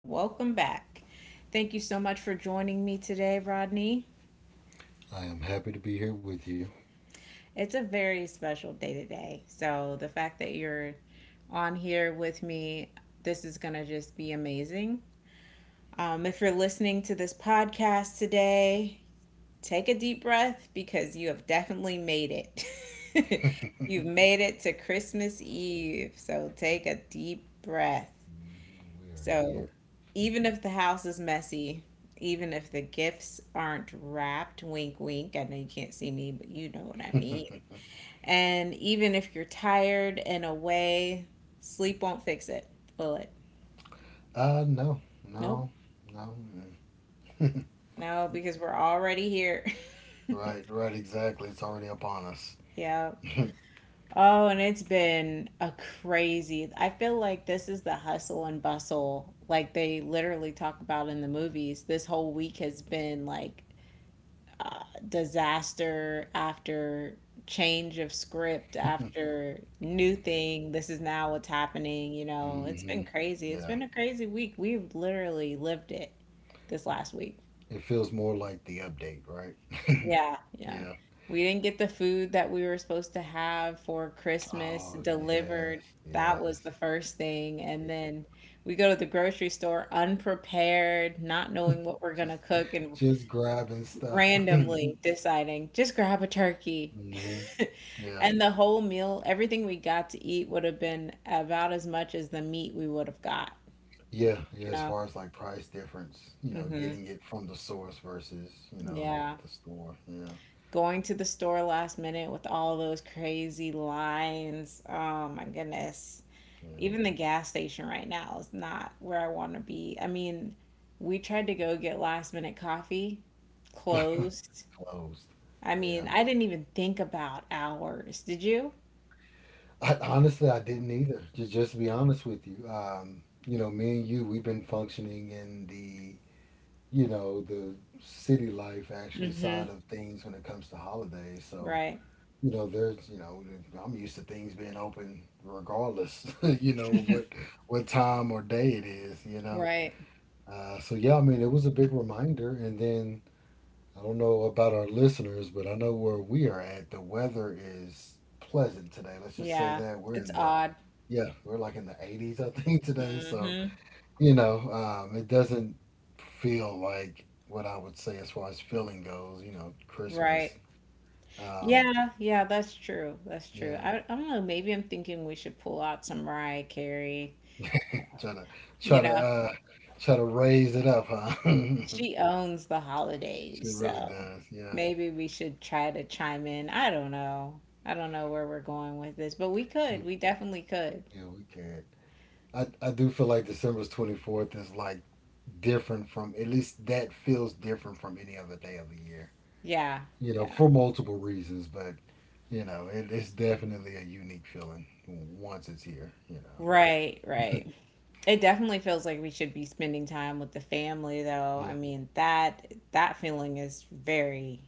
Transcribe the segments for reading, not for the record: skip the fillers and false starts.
Welcome back. Thank you so much for joining me today, Rodney. I am happy to be here with you. It's a very special day today. So, the fact that you're on here with me, this is going to just be amazing. If you're listening to this podcast today, take a deep breath because you have definitely made it. You've made it to Christmas Eve. So, take a deep breath. We are here. So even if the house is messy, even if the gifts aren't wrapped, wink, wink, I know you can't see me, but you know what I mean. And even if you're tired and away, sleep won't fix it, will it? Uh, no, Nope. no, no. No, because we're already here. Right, right, exactly. It's already upon us. Yeah. hmm Oh, and it's been a crazy. I feel like this is the hustle and bustle, like they literally talk about in the movies. This whole week has been like uh, disaster after change of script after new thing. This is now what's happening, you know. It's been crazy. It's Yeah. been a crazy week. We've literally lived it this last week. It feels more like the update, right? Yeah, yeah, Yeah. we didn't get the food that we were supposed to have for Christmas Oh, delivered. yes, That was yes. the first thing, and Yeah. then we go to the grocery store unprepared, not knowing what we're going to Just, cook, and just grabbing stuff. hmm randomly deciding just grab a turkey. Yeah. And the whole meal, everything we got to eat would have been about as much as the meat we would have got, Yeah, yeah, you as know? far as like price difference, you know, Hmm. getting it from the source versus, you know, the, Yeah. the store. Yeah, Going to the store last minute with all those crazy lines. Oh my goodness. yeah. Even the gas station right now is not where I want to be. I mean, we tried to go get last minute coffee, closed. Closed. I mean, Yeah. I didn't even think about hours. Did you? I, honestly, I didn't either. Just to be honest with you, you know, me and you, we've been functioning in the you know the city life actually side of things when it comes to holidays. So Right. you know, there's you know, I'm used to things being open regardless, you know, of what time or day it is, you know. Right. So yeah, I mean, it was a big reminder, and then I don't know about our listeners, but I know where we are at. The weather is pleasant today. Let's just say Yeah. that we're It's in the odd. yeah, we're like in the 80s, I think today. So Mm-hmm. you know, it doesn't feel like what I would say as far as feeling goes. You know, Christmas. Right. Um, Yeah, yeah, that's true. That's true. yeah, I don't know. Maybe I'm thinking we should pull out some Mariah Carey. try to You try to know, uh, try to raise it up, huh? she owns the holidays, She really so does. Yeah, maybe we should try to chime in. I don't know. I don't know where we're going with this, but we could. We definitely could. yeah, we can. I do feel like December 24th is like different from at least that feels different from any other day of the year. Yeah, You know, yeah. for multiple reasons, but you know, it's definitely a unique feeling once it's here. You know. Right, right. It definitely feels like we should be spending time with the family though. I Yeah. mean, that feeling is very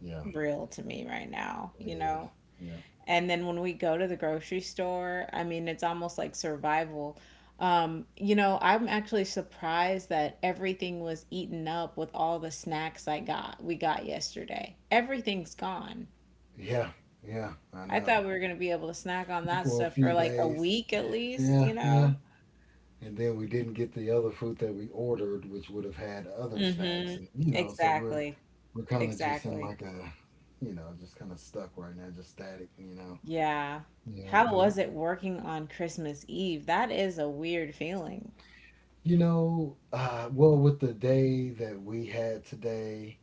Yeah. real to me right now, It you is. know. Yeah. And then when we go to the grocery store, I mean, it's almost like survival. You know, I'm actually surprised that everything was eaten up with all the snacks I got we got yesterday. Everything's gone. Yeah. Yeah. I I thought know. we were going to be able to snack on that For a stuff for few like a days. week at least, Yeah. you Yeah. know. And then we didn't get the other food that we ordered, which would have had other snacks, Mhm. and you know, so we're Exactly. we're kind of just in Exactly. like a, you know, just kind of stuck right now, just static, you know, Yeah. you know, How was it working on Christmas Eve? That is a weird feeling. You know, well, with the day that we had today,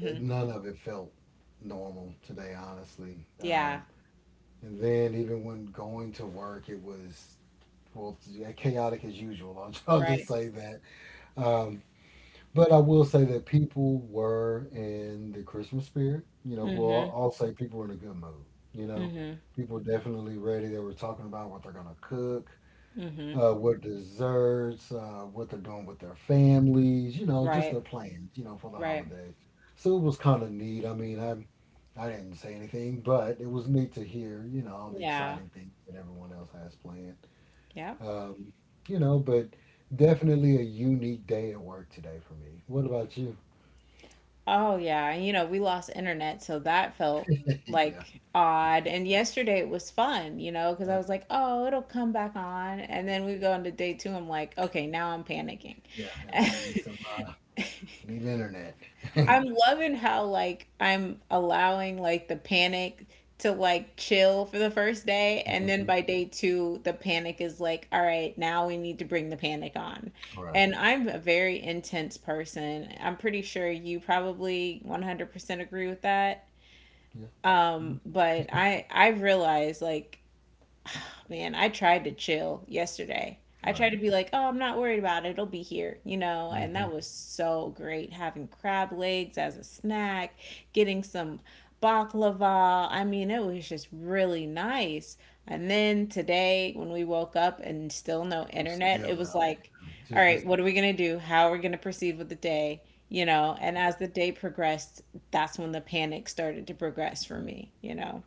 it, none of it felt normal today, honestly. Yeah, And then even when going to work, it was well, it's yeah, chaotic as usual. I'll just right. say that. Um, But I will say that people were in the Christmas spirit. You know, Mm-hmm. well, I'll say people were in a good mood. You know, Mm-hmm. people were definitely ready. They were talking about what they're going to cook, Mm-hmm. What desserts, what they're doing with their families, you know, just Right. their plans, you know, for the Right. holidays. So it was kind of neat. I didn't say anything, but it was neat to hear, you know, all the Yeah. exciting things that everyone else has planned. Yep. Um, you know, but definitely a unique day at work today for me. What about you? Oh yeah. And you know, we lost internet, so that felt yeah, like odd. And yesterday it was fun, you know, because I yeah, was like, oh, it'll come back on. And yeah, then we go into day two, I'm like, okay, now I'm panicking. yeah. yeah, We need some. We need internet. I'm loving how like I'm allowing like the panic to like chill for the first day, and then hmm by day two the panic is like, all right, now we need to bring the panic on. Right. And I'm a very intense person. I'm pretty sure you probably 100% agree with that. Yeah. Mhm. But I've realized like man, I tried to chill yesterday. I tried Right. to be like, oh, I'm not worried about it. It'll be here, you know? And Mm-hmm. that was so great having crab legs as a snack, getting some baklava. I mean, it was just really nice. And then today, when we woke up and still no I'm internet, it still was out like, here. all Just this. right, what are we going to do? How are we going to proceed with the day? You know, and as the day progressed, that's when the panic started to progress for Hmm me, you know?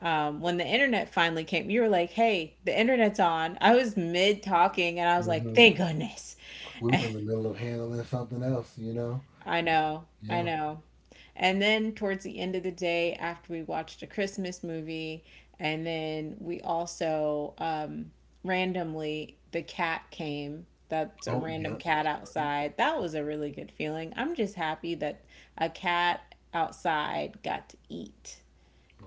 When the internet finally came, you were like, hey, the internet's on. I was mid talking and I was like, hmm thank goodness. We were in the middle of handling something else, you know. I know, I Yeah. know. And then towards the end of the day, after we watched a Christmas movie, and then we also randomly, the cat came. That's a Oh, random yeah. cat That's right. outside. That was a really good feeling. I'm just happy that a cat outside got to eat,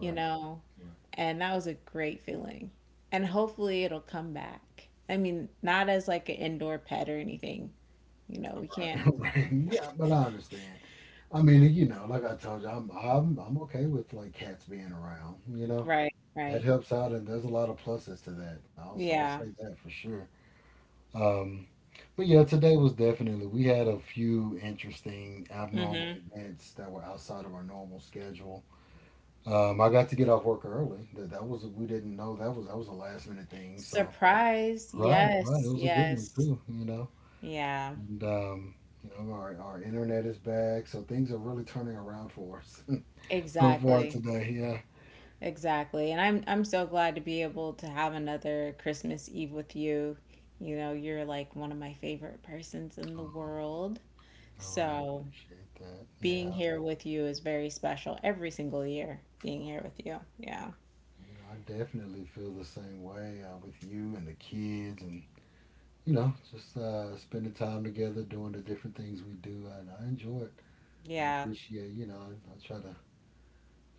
you know? Right. And that was a great feeling. And hopefully it'll come back. I mean, not as like an indoor pet or anything. You know, we Right. can't. Right. Yeah, but I understand. I mean, you know, like I told you, I'm okay with like cats being around. You know, Right, that right. helps out, and there's a lot of pluses to that. I'll Yeah. say that for sure. Um, but yeah, today was definitely, we had a few interesting abnormal Mm-hmm. events that were outside of our normal schedule. I got to get off work early. That, that was, we didn't know that was a last minute thing. So, Surprise. right, right. Yes, It was a good one yes. too, you know, Yeah, and you know, our internet is back. So things are really turning around for us so far exactly. today. Yeah. Exactly. And I'm so glad to be able to have another Christmas Eve with you. You know, you're like one of my favorite persons in the Oh, world. I really So, appreciate that. Yeah. being here with you is very special every single year being here with you. Yeah, You know, I definitely feel the same way with you and the kids and you know, just spending time together, doing the different things we do. And I enjoy it. I yeah. appreciate, you know, I try to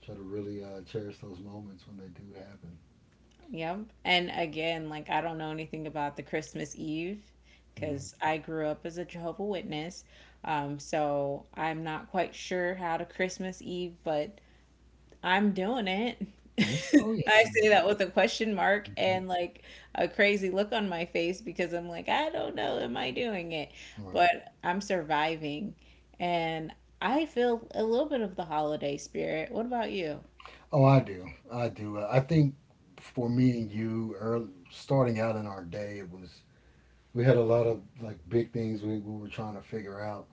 try to really cherish those moments when they do happen. Yep. And again, like, I don't know anything about the Christmas Eve Hmm because I grew up as a Jehovah Witness. So I'm not quite sure how to Christmas Eve, but I'm doing it. Yeah. Oh yeah. I say that with a question mark Yeah. Mhm. and like a crazy look on my face because I'm like, I don't know, am I doing it? All right. But I'm surviving, and I feel a little bit of the holiday spirit. What about you? Oh, I do. I do. I think for me and you, early, starting out in our day, it was we had a lot of like big things we were trying to figure out,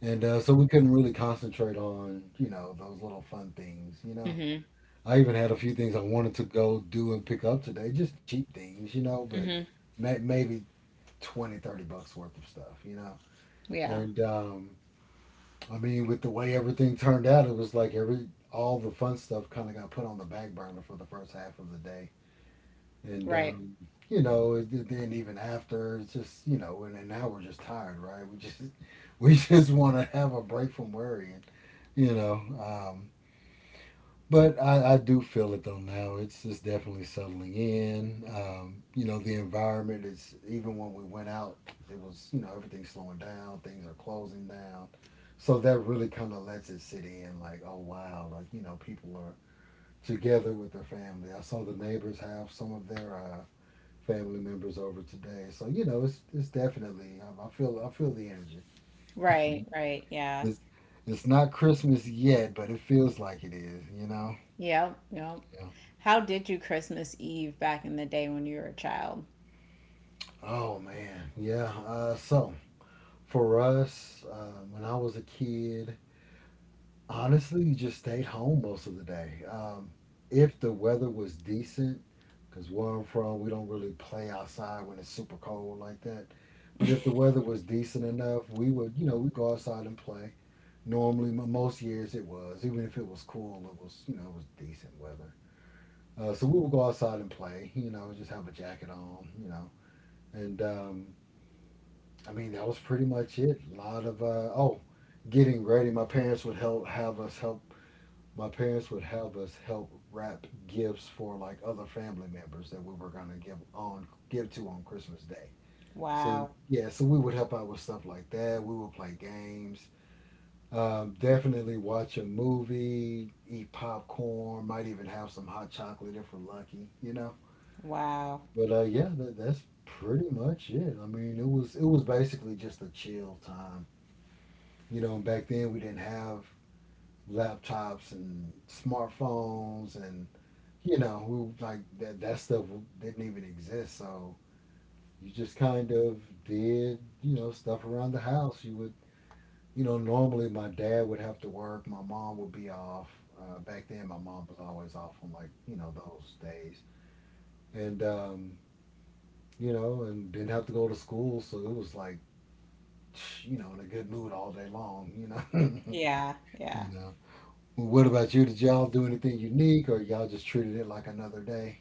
and so we couldn't really concentrate on you know those little fun things, you know. Mm-hmm. I even had a few things I wanted to go do and pick up today, just cheap things, you know, but Mm-hmm. Maybe 20, $30 worth of stuff, you know. Yeah. And I mean, with the way everything turned out, it was like every all the fun stuff kind of got put on the back burner for the first half of the day. And Right. You know, then even after, it's just you know, and now we're just tired, right? We just we just want to have a break from worrying, you know. Um, But I do feel it though now. It's definitely settling in. You know, the environment is even when we went out, it was you know everything's slowing down, things are closing down, so that really kind of lets it sit in. Like, oh wow, like you know people are together with their family. I saw the neighbors have some of their family members over today, so you know it's definitely I feel I feel the energy. Right. Right. Yeah. It's it's not Christmas yet, but it feels like it is. You know. Yep. Yep. Yeah. How did you Christmas Eve back in the day when you were a child? Oh man, yeah. So for us, when I was a kid, honestly, you just stayed home most of the day. If the weather was decent, because where I'm from, we don't really play outside when it's super cold like that. But if the weather was decent enough, we would, you know, we go outside and play. Normally, most years it was, even if it was cool, it was, you know, it was decent weather. So we would go outside and play, you know, just have a jacket on, you know, and I mean, that was pretty much it. A lot of getting ready. My parents would help have us help. My parents would have us help wrap gifts for like other family members that we were gonna give to on Christmas Day. So Wow. yeah, so we would help out with stuff like that. We would play games. Definitely watch a movie, eat popcorn, might even have some hot chocolate if we're lucky, you know. Wow. But yeah, that's pretty much it. I mean, it was basically just a chill time. You know, back then we didn't have laptops and smartphones and you know, we like that that stuff didn't even exist. So you just kind of did, you know, stuff around the house. You would, you know, normally my dad would have to work, my mom would be off. Back then, my mom was always off on like you know those days, and you know, and didn't have to go to school, so it was like, you know, in a good mood all day long, you know, Yeah. you Yeah. know. Well, what about you? Did y'all do anything unique, or y'all just treated it like another day?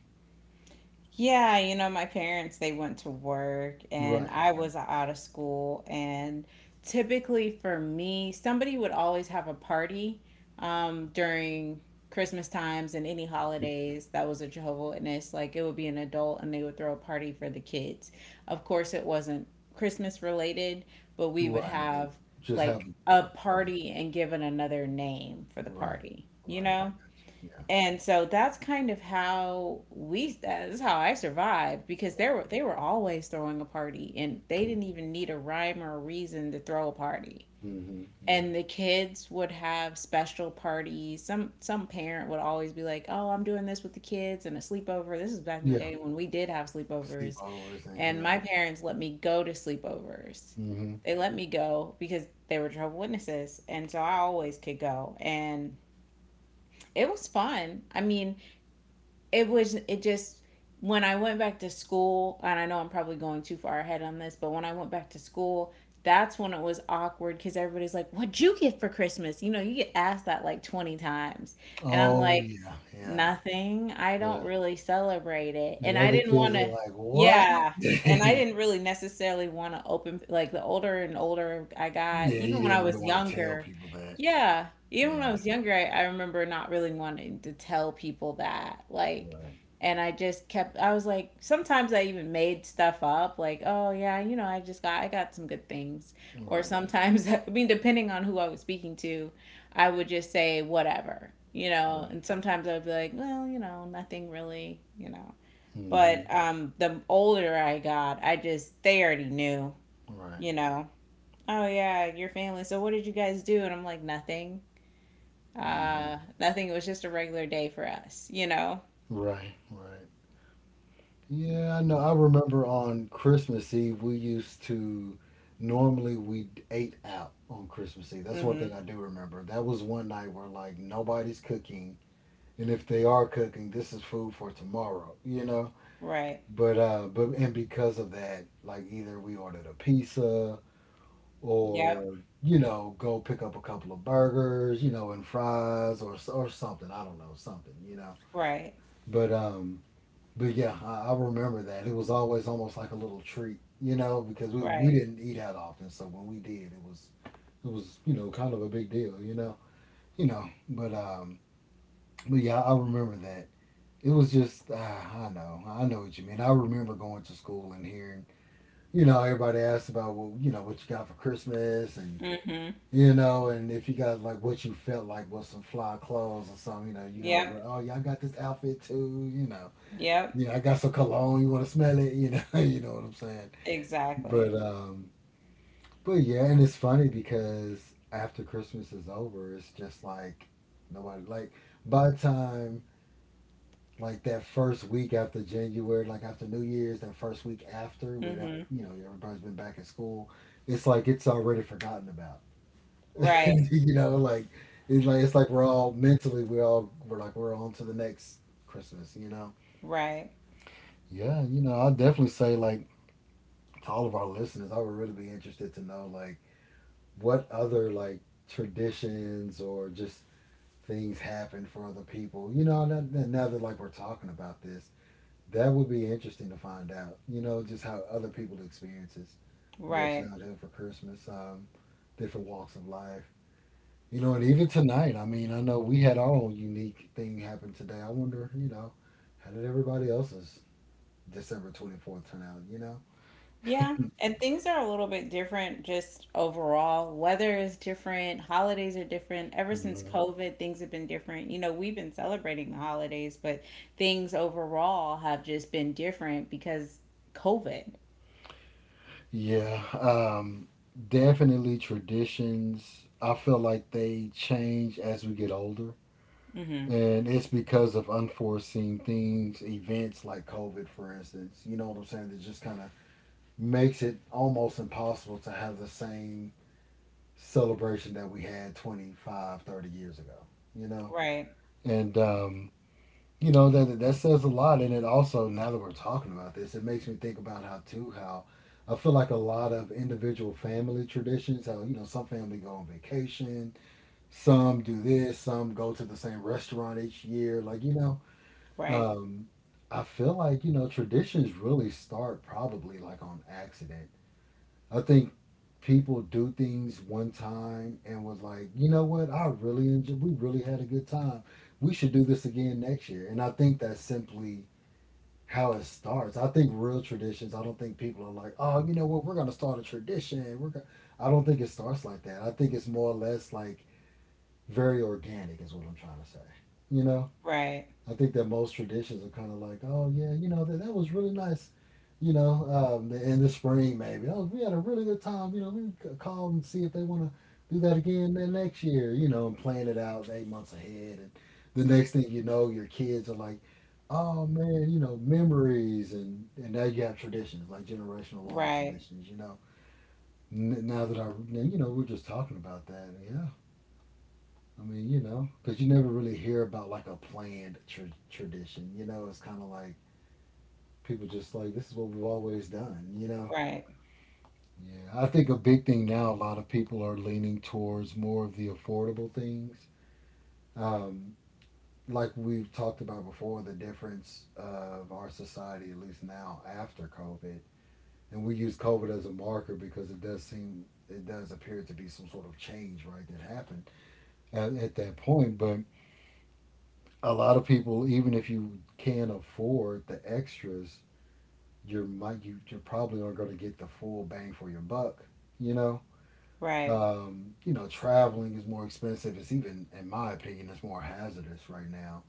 Yeah, you know, my parents, they went to work and Right, I was out of school. And typically for me, somebody would always have a party during Christmas times and any holidays that was a Jehovah Witness. Like it would be an adult and they would throw a party for the kids. Of course, it wasn't Christmas related, but we would right, but have just have like a a party. party and given another name for the Right, party, you right, know? yeah, And so that's kind of how we that's how I survived because they were always throwing a party, and they right. didn't even need a rhyme or a reason to throw a party. Mm-hmm, yeah, And the kids would have special parties. Some parent would always be like, "Oh, I'm doing this with the kids and a sleepover." This is back in the yeah. day when we did have sleepovers, Sleepovers and and yeah. my parents let me go to sleepovers. hmm They let me go because they were Jehovah's witnesses, and so I always could go. And it was fun. I mean, it just when I went back to school, and I know I'm probably going too far ahead on this, but when I went back to school, that's when it was awkward because everybody's like, "What'd you get for Christmas?" You know, you get asked that like 20 times. And I'm Oh like, yeah, yeah, nothing. I yeah. don't really celebrate it. And And I other didn't want kids are to, like, "What?" yeah. yeah, And I didn't really necessarily want to open, like, the older and older I got, you even when I didn't really was want to tell younger, people that. yeah. Even when I Yeah, was younger, I remember not really wanting to tell people that. Like, right, and I just kept, I was like, sometimes I even made stuff up, like, oh, yeah, you know, I got some good things. Or right, sometimes, I mean, depending on who I was speaking to, I would just say whatever, you know, right. and sometimes I would be like, well, you know, nothing really, you know. Mm-hmm, But the older I got, I just, they already knew, right, you know. Oh yeah, your family. So what did you guys do? And I'm like, nothing. mm-hmm, Nothing. It was just a regular day for us, you know? right, right. Yeah, I know. I remember on Christmas Eve we used to normally we ate out on Christmas Eve. That's one thing Mm-hmm. I do remember. That was one night where like nobody's cooking, and if they are cooking, this is food for tomorrow, you know? Right. But and because of that, like either we ordered a pizza Yep. or you know, go pick up a couple of burgers, you know, and fries or something. I don't know, something, you know. Right. But um but yeah, I remember that. It was always almost like a little treat, you know, because we Right. didn't eat out often. So when we did, it was you know kind of a big deal, you know, you know. But yeah, I remember that. It was just I know what you mean. I remember going to school and hearing you know everybody asked about well you know what you got for Christmas and Mm-hmm. you know and if you got like what you felt like was some fly clothes or something you know you gonna wear Yep. oh y'all got this outfit too you know Yep. yeah, I got some cologne. You want to smell it? You know, you know what I'm saying. But Exactly. um, but yeah, and it's funny because after Christmas is over, it's just like nobody like by the time like that first week after January, like after New Year's, that first week after, when Mm-hmm. you know everybody's been back at school, it's like it's already forgotten about. Right. You know, like it's like we're all mentally we all we're like we're on to the next Christmas. You know. Right. Yeah, you know, I definitely say like to all of our listeners, I would really be interested to know like what other like traditions or just things happen for other people. You know, now, that like we're talking about this, that would be interesting to find out. You know, just how other people experiences the Right. childhood for Christmas, different walks of life. You know, and even tonight, I mean, I know we had our own unique thing happen today. I wonder, you know, how did everybody else's December 24th turn out, you Yeah. And things are a little bit different just overall. Weather is different. Holidays are different. Ever since know? COVID, things have been different. You know, we've been celebrating the holidays, but things overall have just been different because COVID. Yeah, definitely traditions. I feel like they change as we get older, Mm-hmm. and it's because of unforeseen things, events like COVID, for instance. You know what I'm saying? That just kind of makes it almost impossible to have the same celebration that we had 25, 30 years ago, you know? Right. And you know that that says a lot, and it also, now that we're talking about this, it makes me think about how too how I feel like a lot of individual family traditions, how you know some family go on vacation, some do this, some go to the same restaurant each year, like you know. Right. um I feel like, you know, traditions really start probably like on accident. I think people do things one time and was like, you know what? I really enjoyed. We really had a good time. We should do this again next year. And I think that's simply how it starts. I think real traditions. I don't think people are like, oh, you know what? We're gonna start a tradition. We're gonna. I don't think it starts like that. I think it's more or less like very organic is what I'm trying to say. You know. Right, I think that most traditions are kind of like, oh yeah, you know that that was really nice, you know, in the spring maybe. Oh, we had a really good time. You know, we call and see if they want to do that again then next year. You know, and plan it out 8 months ahead, and the next thing you know, your kids are like, oh man, you know, memories, and now you have traditions like generational long right, traditions. You know, Now that I, now, you know, we're just talking about that. Yeah, I mean, you know, because you never really hear about like a planned tradition. You know, it's kind of like people just like this is what we've always done. You know. right, Yeah, I think a big thing now. A lot of people are leaning towards more of the affordable things. Um, like we've talked about before, the difference of our society, at least now after COVID, and we use COVID as a marker because it does seem it does appear to be some sort of change, right, that happened at that point. But a lot of people, even if you can afford the extras, you're might you you're probably aren't going to get the full bang for your buck. You know, right, you know, traveling is more expensive. It's even, in my opinion, it's more hazardous right now.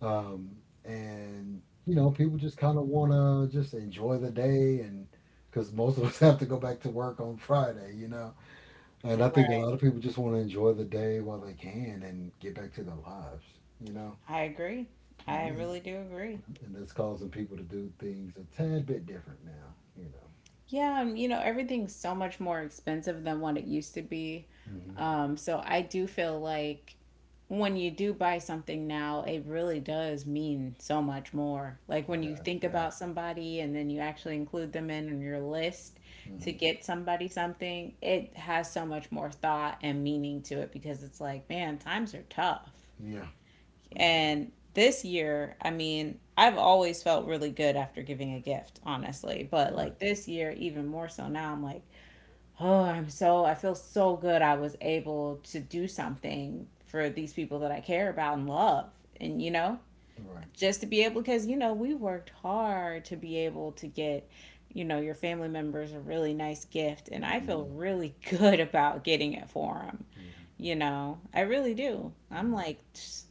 Um, and you know, people just kind of want to just enjoy the day, and because most of us have to go back to work on Friday, you know. And I think a right. lot of people just want to enjoy the day while they can and get back to their lives, you know. I agree. And, I and really do agree. and that's causing people to do things a tad bit different now. You know. Yeah, and you know, everything's so much more expensive than what it used to be. Hmm. So I do feel like when you do buy something now, it really does mean so much more. Like It when you does. think Yeah. about somebody and then you actually include them in on your list to Hmm. get somebody something, it has so much more thought and meaning to it because it's like, man, times are tough. Yeah. Yeah. And this year, I mean, I've always felt really good after giving a gift, honestly. But Right. like this year, even more so now, I'm like, oh, I feel so good I was able to do something for these people that I care about and love. And, you know, Right. just to be able, because, you know, we worked hard to be able to get, you know, your family members a really nice gift. And I feel Hmm. really good about getting it for them. Yeah. You know, I really do. I'm Yeah. like, tss,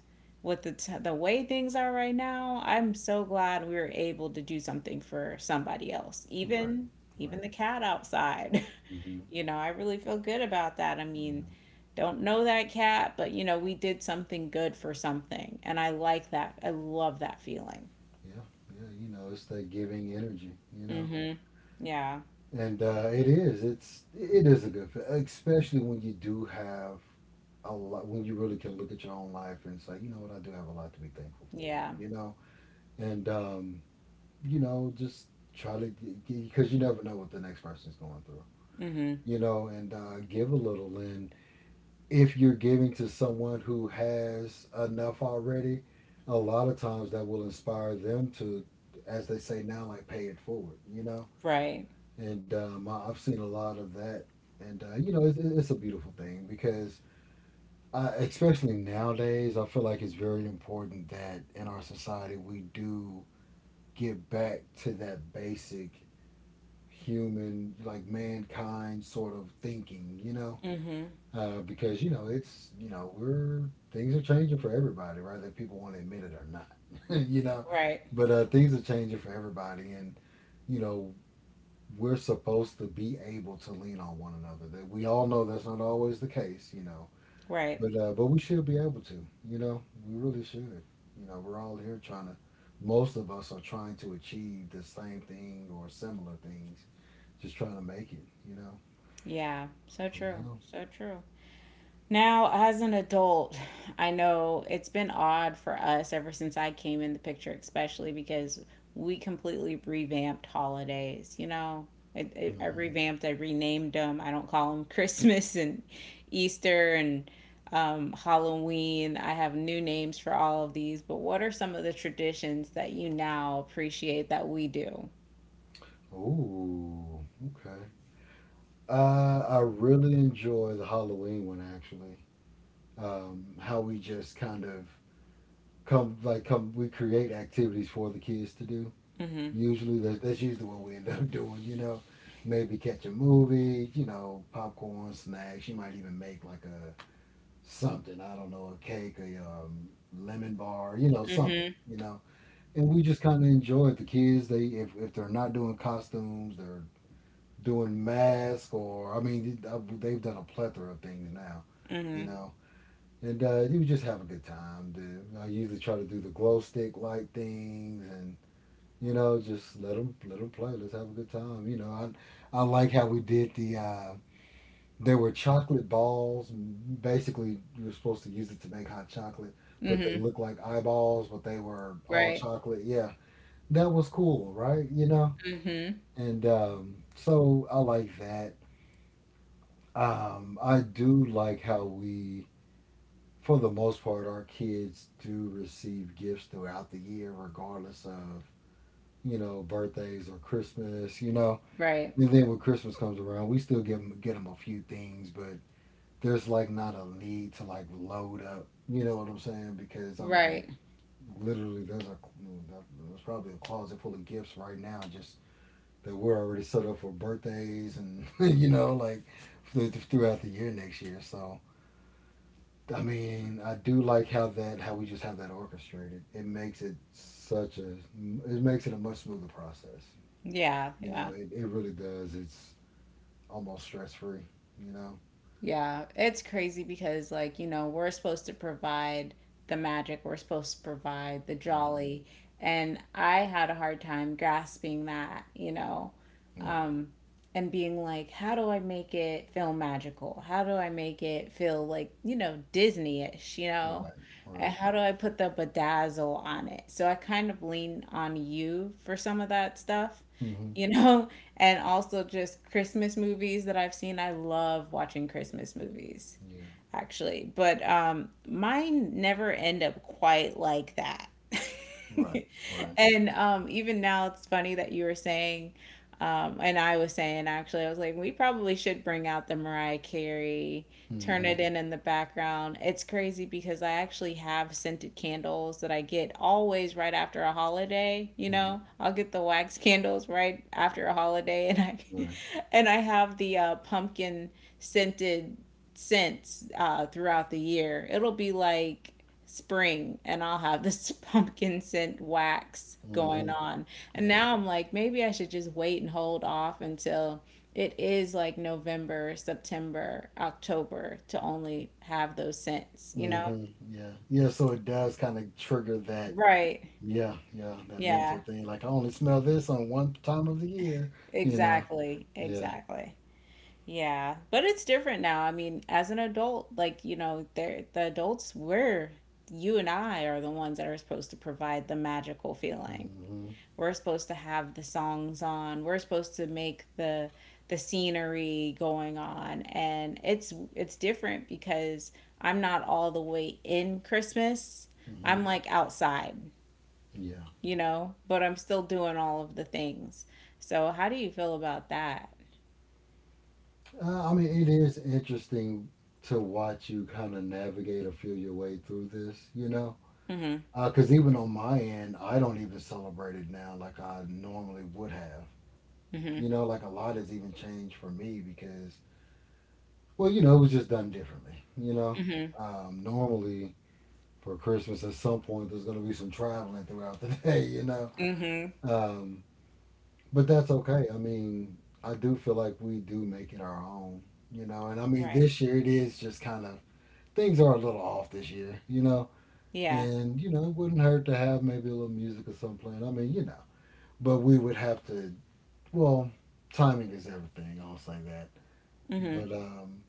with the the way things are right now, I'm so glad we were able to do something for somebody else, Right. even Right. the cat outside. Hmm. You know, I really feel good about that. I mean, Yeah. don't know that cat, but you know, we did something good for something, and I like that. I love that feeling. Yeah. Yeah. You know, it's that giving energy. You know, Mm-hmm. Yeah. and it is. It is a good, especially when you do have a lot. When you really can look at your own life and say, you know what, I do have a lot to be thankful for. Yeah. You know, and you know, just try to because you never know what the next person's going through, Mm-hmm. you know, and give a little. And if you're giving to someone who has enough already, a lot of times that will inspire them to, as they say now, like pay it forward, you know. Right. And I've seen a lot of that, and you know, it's a beautiful thing because. Especially nowadays, I feel like it's very important that in our society we do get back to that basic human, like mankind sort of thinking, you know? Mm-hmm. Because, you know, it's, you know, we're, things are changing for everybody, whether people want to admit it or not, you know? Right. But things are changing for everybody. And, you know, we're supposed to be able to lean on one another. That we all know that's not always the case, you know. Right. But we should be able to, you know. We really should. You know, we're all here trying to. Most of us are trying to achieve the same thing or similar things, just trying to make it, you know. Yeah. So So, true. yeah. So true. Now, as an adult, I know it's been odd for us ever since I came in the picture, especially because we completely revamped holidays. You know, I Hmm. revamped, I renamed them. I don't call them Christmas and Easter and Halloween. I have new names for all of these, but what are some of the traditions that you now appreciate that we do? Ooh. Okay. I really enjoy the Halloween one actually. How we just kind of come like come we create activities for the kids to do. Mm hmm. Usually that's usually what we end up doing. You know, maybe catch a movie. You know, popcorn, snacks. You might even make like a something. I don't know, a cake, a lemon bar. You know, something. Mm You know, and we just kind of enjoy it. The kids, they, if they're not doing costumes, they're doing masks, or I mean, they've done a plethora of things now, hmm. you Mm know. And you just have a good time. I usually try to do the glow stick light things, and you know, just let them play. Let's have a good time. You know, I like how we did the. There were chocolate balls. Basically, you were supposed to use it to make hot chocolate, hmm. Mm but they hmm. looked like eyeballs, but they were all Right. chocolate. Yeah, that was cool, right? You know? Mm hmm. And so I like that. I do like how we, for the most part, our kids do receive gifts throughout the year, regardless of, you know, birthdays or Christmas, you know? Right. And then when Christmas comes around, we still give them, get them a few things, but there's like not a need to like load up. You know what I'm saying? Because, I mean, Right. literally, there's probably a closet full of gifts right now just that we're already set up for birthdays and you know, like throughout the year next year. So I mean, I do like how that how we just have that orchestrated. It makes it a much smoother process. Yeah. You know, Yeah. it really does. It's almost stress free. You know. Yeah, it's crazy because, like, you know, we're supposed to provide the magic, we're supposed to provide the Hmm. jolly. And I had a hard time grasping that, you know, Yeah. um, and being like, how do I make it feel magical? How do I make it feel like, you know, Disney ish, you know? Right. And Right. how do I put the bedazzle on it? So I kind of lean on you for some of that stuff, Hmm. you know? and also just Christmas movies that I've seen. I love watching Christmas movies Yeah. actually, but mine never end up quite like that. Right. Right. And even now, it's funny that you were saying, and I was saying actually, I was like, we probably should bring out the Mariah Carey, turn Hmm. it in the background. It's crazy because I actually have scented candles that I get always right after a holiday. You Hmm. know, I'll get the wax candles right after a holiday, and I, Right. and I have the pumpkin scented scents throughout the year. It'll be like spring and I'll have this pumpkin scent wax going Hmm. on. And Yeah. now I'm like, maybe I should just wait and hold off until it is like November, September, October to only have those scents, you know? Hmm. Yeah. Yeah. So it does kind of trigger that. Right. Yeah, yeah, that Yeah, mental thing. Like I only smell this on one time of the year, you know. exactly. Yeah. Exactly. Yeah, but it's different now. I mean, as an adult, like, you know, there the adults we're you and I are the ones that are supposed to provide the magical feeling. Hmm. We're supposed to have the songs on. We're supposed to make the scenery going on and it's different because I'm not all the way in Christmas. Hmm. I'm like outside, Yeah. you know, but I'm still doing all of the things. So how do you feel about that? I mean, it is interesting to watch you kind of navigate or feel your way through this, you know. Mhm. Because even on my end, I don't even celebrate it now like I normally would have. Mhm. You know, like a lot has even changed for me because, well, you know, it was just done differently. You know, Mhm. Normally for Christmas at some point there's going to be some traveling throughout the day. You know. Mhm. Um, but that's okay. I mean, I do feel like we do make it our own, you know. And I mean, Right. this year it is just kind of things are a little off this year, you know. Yeah. And you know, it wouldn't hurt to have maybe a little music or something playing. I mean, you know, but we would have to. Well, timing is everything. I'll say that. Mhm. But um,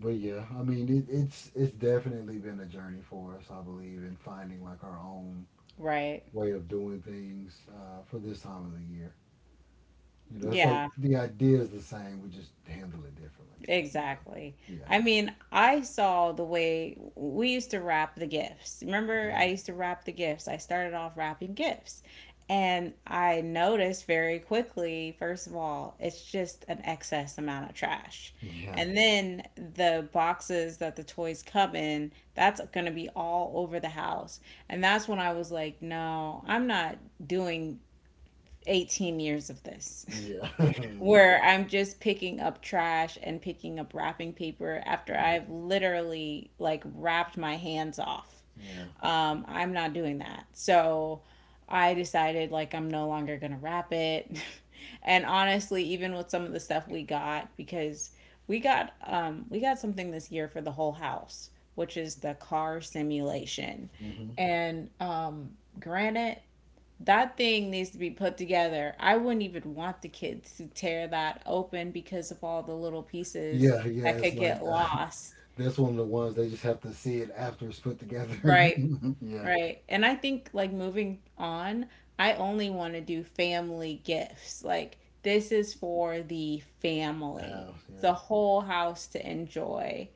but yeah, I mean, it's definitely been a journey for us. I believe in finding like our own Right. way of doing things for this time of the year. You know, it's like Yeah. the idea is the same. We just handle it differently. Exactly. Yeah. I mean, I saw the way we used to wrap the gifts. Remember, I Mhm. used to wrap the gifts. I started off wrapping gifts. And I noticed very quickly, first of all, it's just an excess amount of trash. hmm Yeah. And then the boxes that the toys come in, that's going to be all over the house. And that's when I was like, no, I'm not doing 18 years of this. Yeah. Yeah. Where I'm just picking up trash and picking up wrapping paper after Mhm. I've literally like wrapped my hands off. Yeah. I'm not doing that. So I decided like I'm no longer gonna wrap it. And honestly, even with some of the stuff we got, because we got something this year for the whole house, which is the car simulation. hmm And granted, that thing needs to be put together. I wouldn't even want the kids to tear that open because of all the little pieces Yeah, yeah. that It's could like get lost. that's one of the ones they just have to see it after it's put together. Right. yeah. Right. And I think like moving on, I only want to do family gifts. Like this is for the The family, house. Yeah. the whole house to enjoy.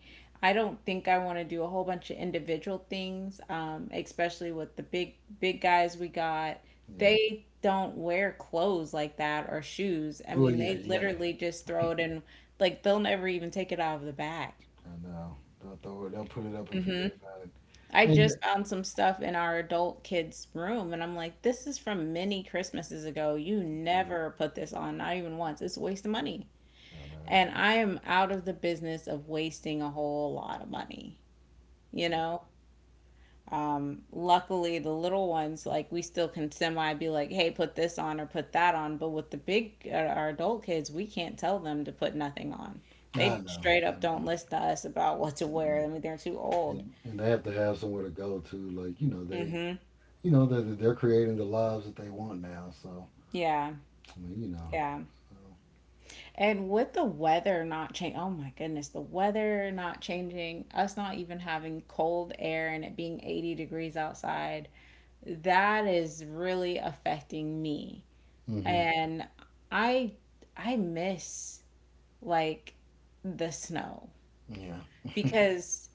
I don't think I want to do a whole bunch of individual things, especially with the big big guys we got. yeah, They don't wear clothes like that or shoes. I Oh mean, yeah. they You gotta. literally just throw it in like they'll never even take it out of the bag. I know. They'll throw it. They'll put it up and forget about it. I And just found some stuff in our adult kids' room, and I'm like, this is from many Christmases ago. You Mhm. never put this on, not even once. It's a waste of money. I know. And I am out of the business of wasting a whole lot of money, you Yeah. know? Luckily, the little ones, like, we still can semi be like, hey, put this on or put that on. But with the big, our adult kids, we can't tell them to put nothing on. I know. I They straight up know. don't listen to us about what to wear. Mhm. I mean, they're too old. And they have to have somewhere to go to. Like, they Mm-hmm. you know, they're, they're creating the lives that they want now. So, Yeah. I mean. Yeah. So, And with the weather not change, oh my goodness, the weather not changing, us not even having cold air and it being 80 degrees outside, that is really affecting me. hmm And I I miss like the snow, Yeah. because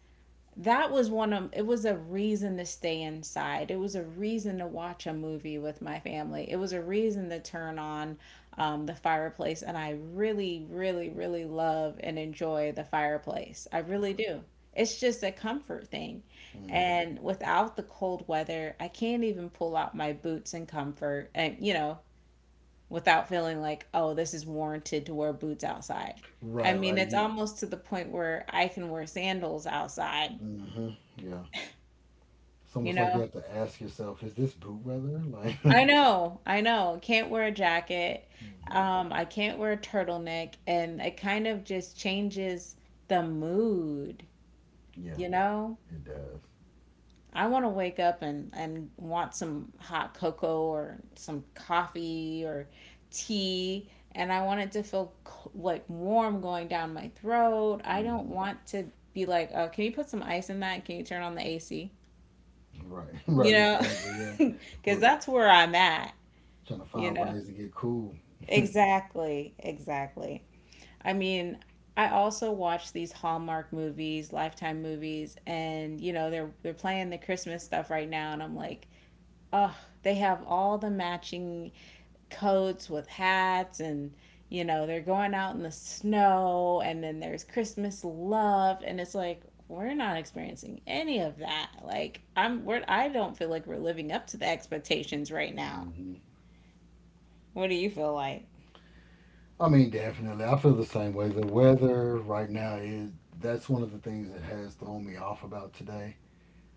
that was one of it was a reason to stay inside, it was a reason to watch a movie with my family, it was a reason to turn on the fireplace. And I really really really love and enjoy the fireplace. I really do. It's just a comfort thing. hmm And without the cold weather, I can't even pull out my boots in comfort, and you know, without feeling like, oh, this is warranted to wear boots outside. I Right, mean, right. it's You, almost to the point where I can wear sandals outside, hmm Yeah. It's you almost like you know? have to ask yourself, is this boot weather? Like, hmm I know, I know. Can't wear a jacket. I can't wear a turtleneck, and it kind of just changes the mood, yeah, you know? it does. I want to wake up and want some hot cocoa or some coffee or tea, and I want it to feel like warm going down my throat. I don't Hmm want to be like, "Oh, can you put some ice in that? Can you turn on the AC?" Right, You right, know? exactly. Yeah. Because We're that's where I'm at, trying to you find know? ways to get cool. Exactly, exactly. I mean, I also watch these Hallmark movies, Lifetime movies, and you know, they're playing the Christmas stuff right now and I'm like, "Oh, they have all the matching coats with hats, and you know, they're going out in the snow and then there's Christmas love, and it's like we're not experiencing any of that. Like I don't feel like we're living up to the expectations right now. hmm What do you feel like? I mean, definitely. I feel the same way. The weather right now is, that's one of the things that has thrown me off about today.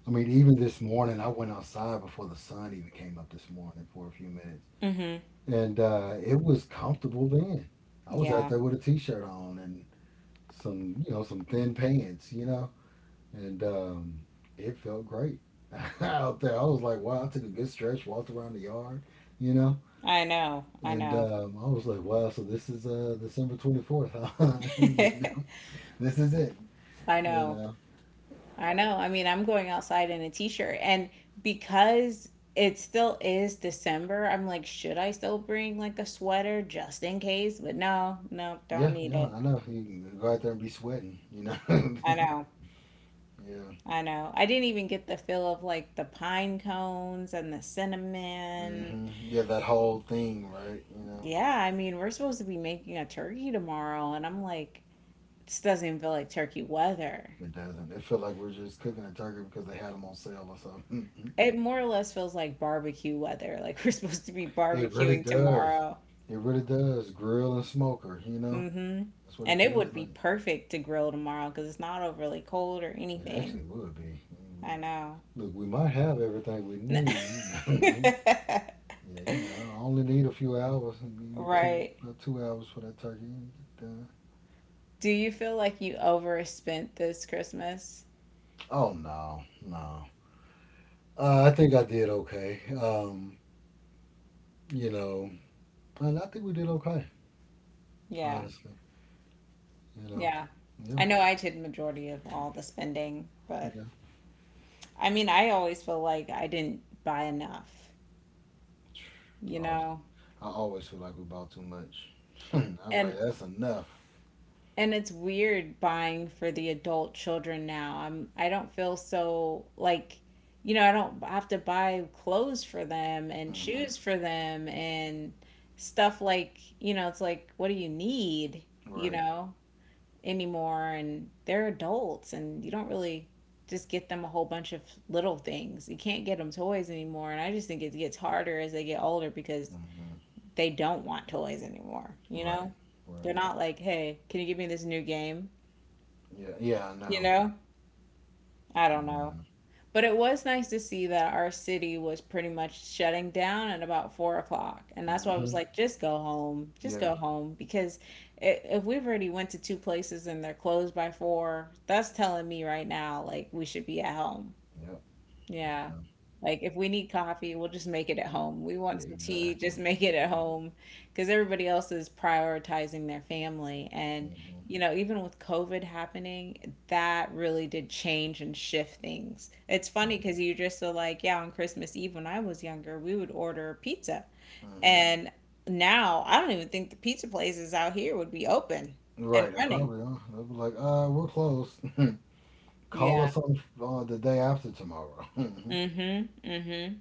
I mean, even this morning, I went outside before the sun even came up this morning for a few minutes, Mhm. and it was comfortable then. I was out Yeah. there with a t-shirt on and some thin pants, and it felt great out there. I was like, wow, I took a good stretch, walked around the yard, you know, I know. I and know. I was like, wow, so this is December 24th, huh? This is it, I you know. know. I know. I mean, I'm going outside in a t-shirt, and because it still is December, I'm like, should I still bring like a sweater just in case? But no, no, don't Yeah, need yeah, it. I know. You can go out there and be sweating. I know. yeah. I know. I didn't even get the feel of like the pine cones and the cinnamon. hmm Yeah, that whole thing, right? Yeah, I mean, we're supposed to be making a turkey tomorrow and I'm like, this doesn't even feel like turkey weather. It doesn't. It feel like we're just cooking a turkey because they had them on sale or something. It more or less feels like barbecue weather. Like we're supposed to be it really barbecuing does. tomorrow. It really does. Grill and smoker, Hmm. that's what it And it would feels be like. perfect to grill tomorrow because it's not overly cold or It anything. actually would be. It I would be. know. Look, we might have everything we need. You know? yeah, I only need a few hours. And give me two, Right. about 2 hours for that turkey. And get done. Do you feel like you overspent this Christmas? Oh no, no. I think I did okay. You know, and I think we did okay, Yeah. honestly. You know, Yeah. yeah, I know I did majority of all the spending, but yeah. I mean, I always feel like I didn't buy enough, you I always, know? I always feel like we bought too much. I be like, And that's enough. and it's weird buying for the adult children now. I don't feel so like, you know, I don't have to buy clothes for them and Hmm shoes for them and stuff like, you know, it's like what do you need, you Right. know, anymore, and they're adults and you don't really just get them a whole bunch of little things. You can't get them toys anymore and I just think it gets harder as they get older because hmm they don't want toys anymore, you Right. know? They're Right. not like, "Hey, can you give me this new game?" Yeah. Yeah. I You know. know, I I don't know. know. But it was nice to see that our city was pretty much shutting down at about 4 o'clock. And that's why I Hmm was like, just go home, just Yeah. go home. Because if we've already went to two places and they're closed by four, that's telling me right now, like, we should be at home. Yep. I Yeah. know. Like, if we need coffee, we'll just make it at home. We want Yeah. some tea, Exactly. just make it at home. Because everybody else is prioritizing their family. And, hmm you know, even with COVID happening, that really did change and shift things. It's Yeah. funny because you just so like, yeah, on Christmas Eve when I was younger, we would order pizza. hmm And now I don't even think the pizza places out here would be open and Right. They running. probably are. They'll be like, we're closed. Call Yeah. us on the day after tomorrow. Mm hmm. Mm hmm.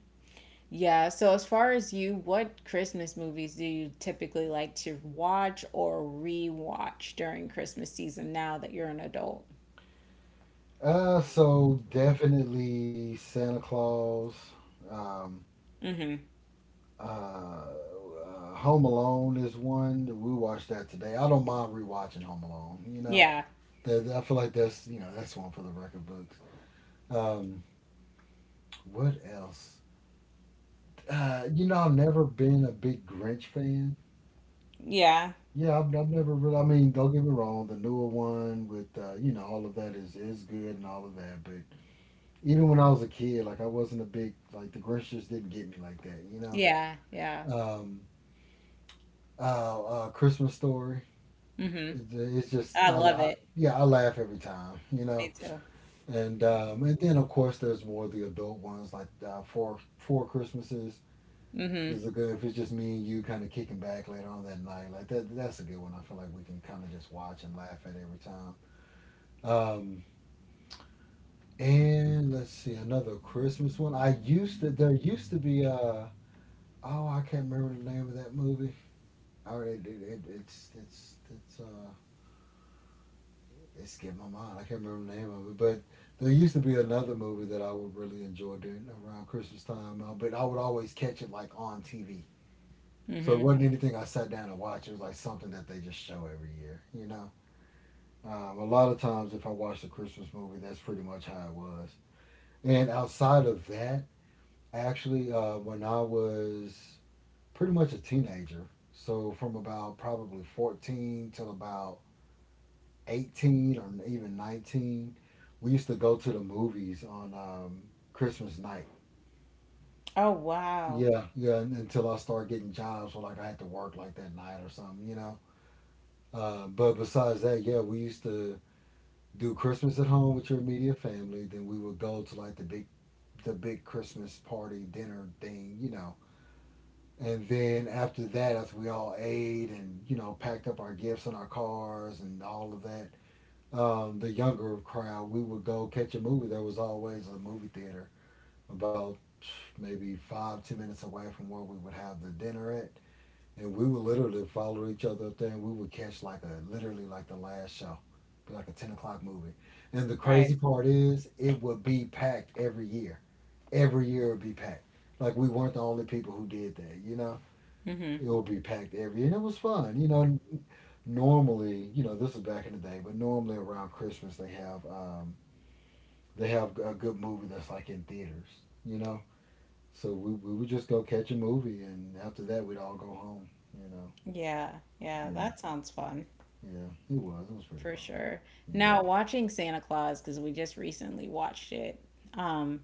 Yeah, so as far as you, what Christmas movies do you typically like to watch or rewatch during Christmas season now that you're an adult? So definitely Santa Claus. Um, Mm-hmm. Uh, Home Alone is one. We watched that today. I don't mind rewatching Home Alone. Yeah. That, I feel like that's you know that's one for the record books. Um, what else? I've never been a big Grinch fan. Yeah. Yeah, I've never really. I mean, don't get me wrong. The newer one with all of that is good and all of that. But even when I was a kid, like I wasn't a big like the Grinch just didn't get me like that. You know. Yeah. Yeah. Um, Christmas Story. Mm-hmm. It's just I a love lot. it. Yeah, I laugh every time. Me too. And then of course there's more of the adult ones like Four Christmases Mm-hmm. is a good if it's just me and you kind of kicking back later on that night like that that's a good one. I feel like we can kind of just watch and laugh at every time. Um, and let's see another Christmas one. I used to There used to be, oh, I can't remember the name of that movie. All right, it, it's it skipped my mind. I can't remember the name of it, but there used to be another movie that I would really enjoy doing around Christmas time, but I would always catch it like on TV. So it Mm-hmm. wasn't anything I sat down and watched. It was like something that they just show every year. A lot of times, if I watched a Christmas movie, that's pretty much how it was. And outside of that, actually, when I was pretty much a teenager, so from about probably 14 till about 18 or even 19, we used to go to the movies on Christmas night. Oh, wow. Yeah, yeah, until I started getting jobs where like I had to work like that night or something. But besides that, yeah, we used to do Christmas at home with your immediate family. Then we would go to like the big Christmas party dinner thing. And then after that, after we all ate and packed up our gifts in our cars and all of that, the younger crowd, we would go catch a movie. There was always a movie theater about maybe 5, 10 minutes away from where we would have the dinner at. And we would literally follow each other up there and we would catch like a, literally like the last show, be like a 10 o'clock movie. And the crazy Right. part is, it would be packed every year. Every year it would be packed. Like we weren't the only people who did that, you know? Mm-hmm. It would be packed every year. And it was fun, you know? Normally, this was back in the day, but normally around Christmas they have a good movie that's like in theaters, you know. So we would just go catch a movie, and after that we'd all go home, you know. Yeah. Yeah, Yeah, that sounds fun. yeah, it was pretty For fun. sure. Yeah, Now, watching Santa Claus, because we just recently watched it. Um.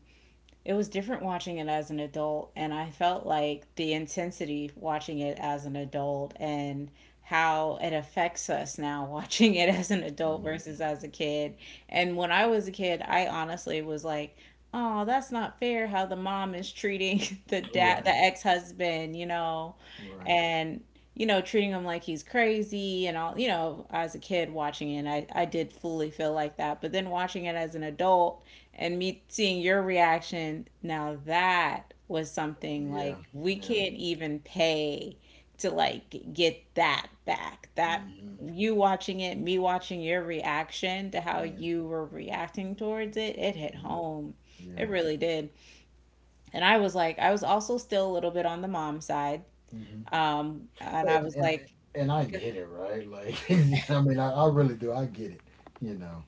It was different watching it as an adult, and I felt like the intensity watching it as an adult and how it affects us now watching it as an adult hmm versus as a kid. And when I was a kid, I honestly was like, oh, that's not fair how the mom is treating the dad, the right, ex-husband, you know, right, and you know, treating him like he's crazy and all. You know, as a kid watching it, I did fully feel like that. But then watching it as an adult and me seeing your reaction now, that was something yeah, like we yeah, can't even pay to like get that back. That hmm you watching it, me watching your reaction to how yeah, you were reacting towards it, it hit hmm home. It yeah. really did. And I was like, I was also still a little bit on the mom side, hmm and I And, was and like, and I get it, right? Like, I mean, I really do. I get it, you know.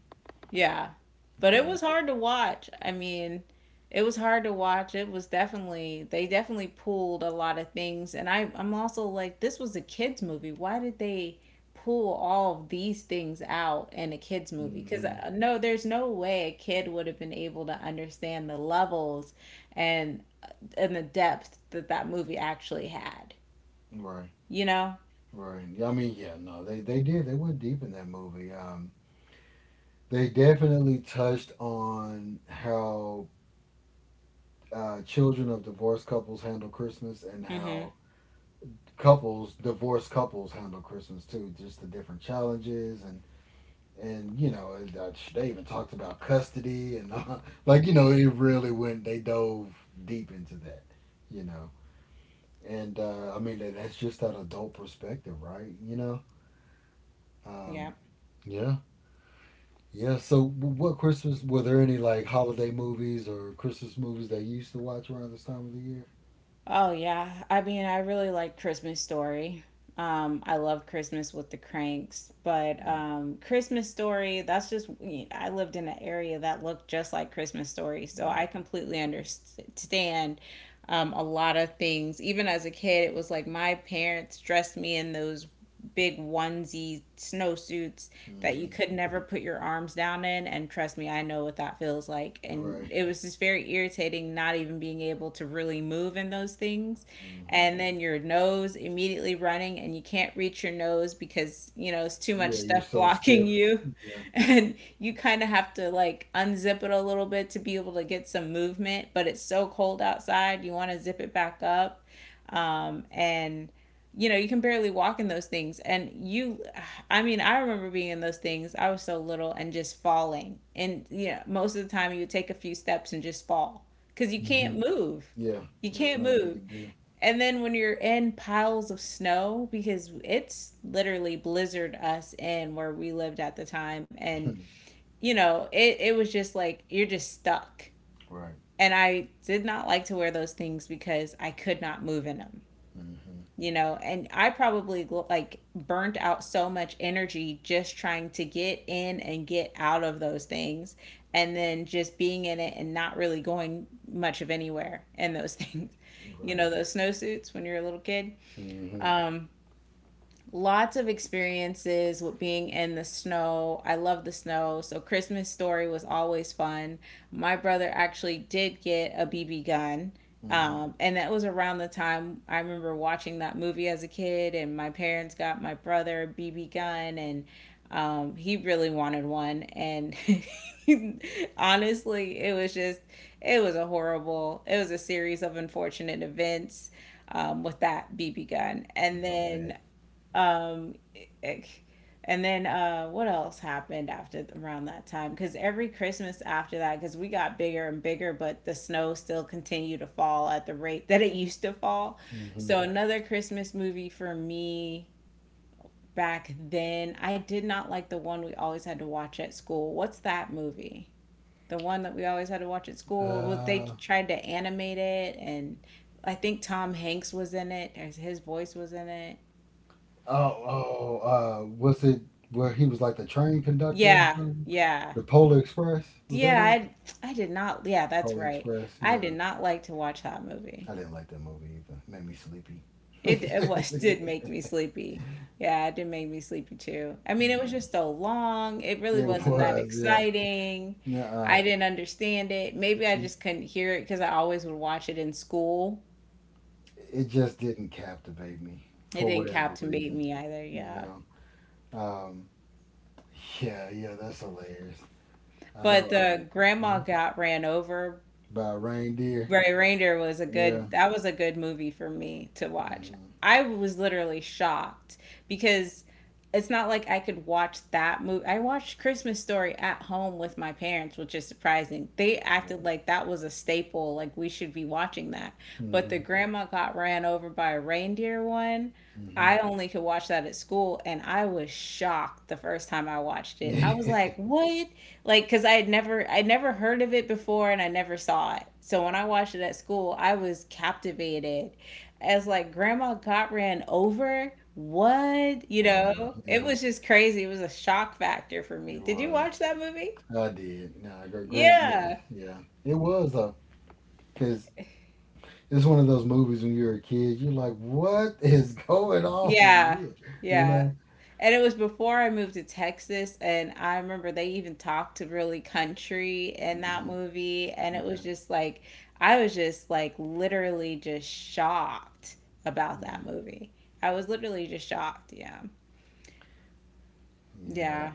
yeah. But it Yeah. was hard to watch. I mean, it was hard to watch. It was definitely, they definitely pulled a lot of things. And I'm also like, this was a kids movie. Why did they pull all of these things out in a kids movie? Cuz hmm no, there's no way a kid would have been able to understand the levels and uh, and the depth that that movie actually had. Right. You know? Right. Yeah, I mean, yeah, no, they did. They went deep in that movie. They definitely touched on how children of divorced couples handle Christmas and Mhm. how couples, divorced couples, handle Christmas too. Just the different challenges and they even talked about custody and like it really went. They dove deep into that, you know. And I mean that's just that adult perspective, right? You know. Yeah. Um, yeah. Yeah. So, what Christmas were there any like holiday movies or Christmas movies that you used to watch around this time of the year? Oh yeah. I mean, I really like Christmas Story. I love Christmas with the Cranks, but Yeah. Christmas Story, that's just, I lived in an area that looked just like Christmas Story. So Yeah. I completely understand a lot of things. Even as a kid, it was like my parents dressed me in those big onesie snowsuits that you hmm could never put your arms down in, and trust me, I know what that feels like. And Right. it was just very irritating not even being able to really move in those things. hmm And then your nose immediately running and you can't reach your nose because, you know, it's too much Yeah. You're stuff so blocking stiff. you. Yeah. And you kind of have to like unzip it a little bit to be able to get some movement, but it's so cold outside you want to zip it back up. Um, and you know, you can barely walk in those things. And you, I mean, I remember being in those things. I was so little and just falling. And you know, most of the time you would take a few steps and just fall because you can't hmm move. Yeah. You There's can't nothing you move. can do. And then when you're in piles of snow, because it's literally blizzard us in where we lived at the time. And you know, it was just like, you're just stuck. right. And I did not like to wear those things because I could not move in them. hmm You know, and I probably like burnt out so much energy just trying to get in and get out of those things, and then just being in it and not really going much of anywhere in those things, you know, Right. those snowsuits when you're a little kid. hmm Lots of experiences with being in the snow. I love the snow. So Christmas Story was always fun. My brother actually did get a BB gun. hmm And that was around the time I remember watching that movie as a kid, and my parents got my brother a BB gun, and he really wanted one. And honestly, it was just, it was a horrible, it was a series of unfortunate events with that BB gun. I bet. um, and then what else happened after around that time? Because every Christmas after that, because we got bigger and bigger, but the snow still continued to fall at the rate that it used to fall. Hmm So another Christmas movie for me back then, I did not like the one we always had to watch at school. What's that movie? The one that we always had to watch at school. Was they Oh. tried to animate it, and I think Tom Hanks was in it, or his voice was in it. Oh. Was it where he was like the train conductor or Yeah, something? yeah. The Polar Express. Was that Yeah, it? I did not. Yeah, that's Polar right. Express. I did Yeah. not like to watch that movie. I didn't like that movie either. It made me sleepy. It was, did make me sleepy. Yeah, it did make me sleepy too. I mean, it was yeah, just so long. It really it wasn't that was. Yeah, exciting. nuh I didn't understand it. Maybe I It just couldn't hear it because I always would watch it in school. it just didn't captivate me It for didn't whatever captivate reason. me either. You Yeah. know. Um. Yeah. Yeah. That's hilarious. I But know. the grandma Mhm, got ran over. by a reindeer. Ray Reindeer was a Yeah. good, that was a good movie for me to watch. Mhm. I was literally shocked because it's not like I could watch that movie. I watched Christmas Story at home with my parents, which is surprising. They acted like that was a staple, like we should be watching that. But the Mhm. grandma got ran over by a reindeer one. Mhm. I only could watch that at school, and I was shocked the first time I watched it. I was like, "What?" Like, because I had never, I never heard of it before, and I never saw it. So when I watched it at school, I was captivated. As like, Grandma got ran over. What? You I know. know, it Yeah. was just crazy. It was a shock factor for It me. Did you was. watch that movie? I did. No. Grunt. Yeah. Yeah. Yeah. It was though, because it's one of those movies when you're a kid, you're like, what is going on in Yeah, here? You yeah. know? And it was before I moved to Texas, and I remember they even talked to really country in that Mhm. movie, and it was Yeah, just like I was just like literally just shocked about yeah, that movie. I was literally just shocked, yeah. yeah. Yeah.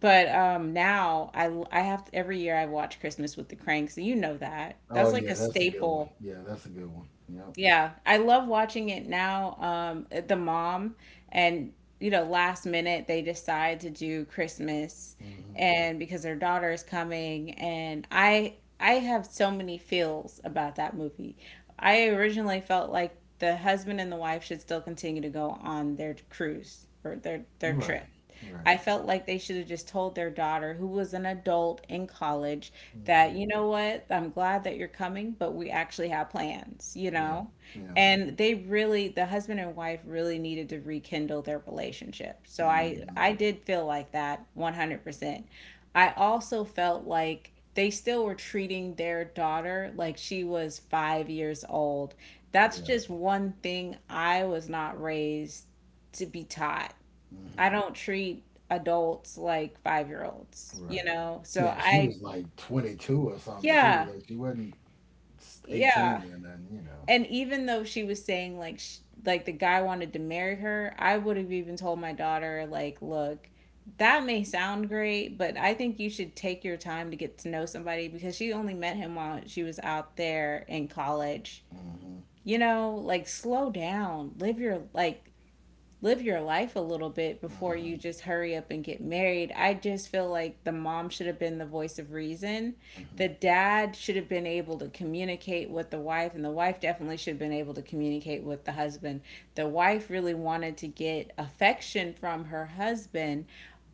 But now I have to, every year I watch Christmas with the Cranks, and you know that. Oh, That's like yeah, a that's a good one. staple. Yeah, that's a good one. Yep. Yeah, I love watching it now. The mom, and you know, last minute they decide to do Christmas, hmm and because their daughter is coming, and I have so many feels about that movie. I originally felt like the husband and the wife should still continue to go on their cruise or their Right, trip. right. I felt like they should have just told their daughter, who was an adult in college, that, hmm you know what, I'm glad that you're coming, but we actually have plans, you Yeah, know? yeah. And they really, the husband and wife really needed to rekindle their relationship. So I, hmm I did feel like that 100%. I also felt like they still were treating their daughter like she was 5 years old. That's Yeah. just one thing I was not raised to be taught. I hmm don't treat adults like 5 year olds, you Right. know? So Yeah, she I, was like 22 or something, yeah, too. Like, she wasn't yeah. 18 or nothing. And even though she was saying like, sh like the guy wanted to marry her, I would have even told my daughter, like, look, that may sound great, but I think you should take your time to get to know somebody because she only met him while she was out there in college. Hmm You know, like slow down, live your, like live your life a little bit before you hmm just hurry up and get married. I just feel like the mom should have been the voice of reason. hmm The dad should have been able to communicate with the wife, and the wife definitely should have been able to communicate with the husband. The wife really wanted to get affection from her husband,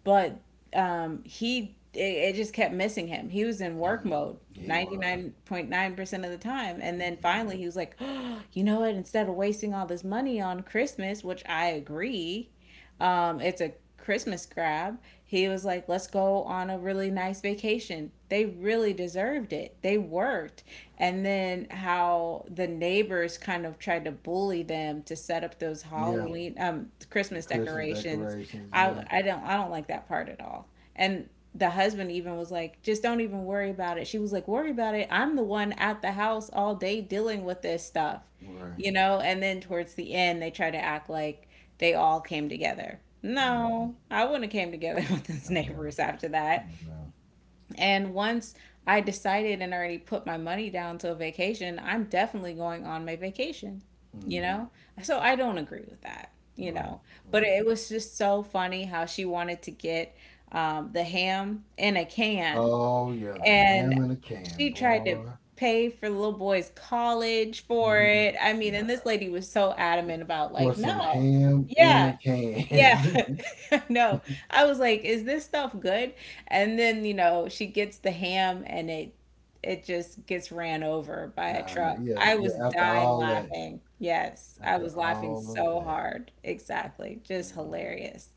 but um, he it, it just kept missing him. He was in work hmm mode He was. 99.9% of the time. And then Hmm finally he was like, oh, you know what? Instead of wasting all this money on Christmas, which I agree, it's a Christmas grab. He was like, let's go on a really nice vacation. They really deserved it. They worked. And then how the neighbors kind of tried to bully them to set up those Yeah, Halloween, the Christmas Christmas decorations. decorations, I yeah. I don't I don't like that part at all. And the husband even was like, just don't even worry about it. She was like, worry about it. I'm the one at the house all day dealing with this stuff, you Right. know. And then towards the end they try to act like they all came together. Mm hmm No, I wouldn't have came together with I those know. neighbors after that. I know. And once I decided and already put my money down to a vacation, I'm definitely going on my vacation, you Mm hmm know? So I don't agree with that, you Right. know. But Right. it was just so funny how she wanted to get the ham in a can, Oh yeah, the and ham in a can, she tried to boy. pay for the little boy's college for Hmm it. I mean, and Yeah. this lady was so For adamant about, like, for some no, ham in yeah, a yeah, can. no. I was like, is this stuff good? And then, she gets the ham and it just gets ran over by a yeah, I know. truck. Yeah. I was Yeah. After dying all that. laughing. Yes, I After was laughing all of so that. hard. Exactly. Just Hmm hmm hilarious.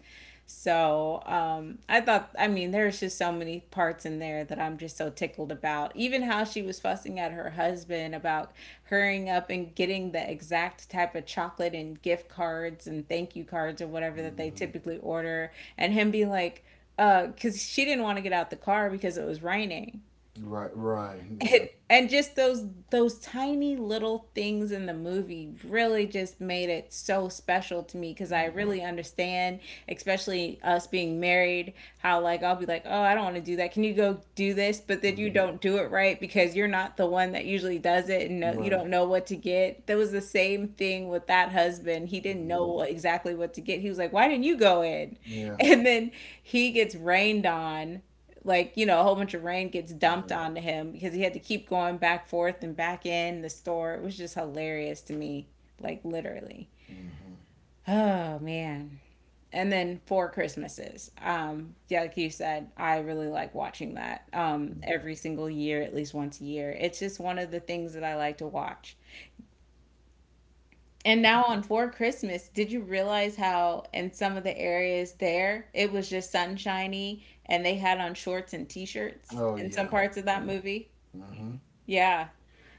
So I thought, I mean, there's just so many parts in there that I'm just so tickled about. Even how she was fussing at her husband about hurrying up and getting the exact type of chocolate and gift cards and thank you cards or whatever that they typically order, and him being like, because she didn't want to get out the car because it was raining Right. Right. Yeah. and just those tiny little things in the movie really just made it so special to me, because I hmm really understand, especially us being married, how like I'll be like, oh, I don't want to do that, can you go do this? But then you hmm don't do it right, because you're not the one that usually does it. And no, you Right. don't know what to get. That was the same thing with that husband. He didn't know hmm what, exactly what to get. He was like, why didn't you go in? Yeah. And then he gets rained on, like, you know, a whole bunch of rain gets dumped Yeah. onto him because he had to keep going back forth and back in the store. It was just hilarious to me. Like, literally, hmm oh man. And then Four Christmases, yeah, like you said, I really like watching that, Yeah. every single year, at least once a year. It's just one of the things that I like to watch. And now on Four Christmas, did you realize how in some of the areas there it was just sunshiny and they had on shorts and t-shirts Oh in some yeah. parts of that Yeah. movie? hmm. Yeah.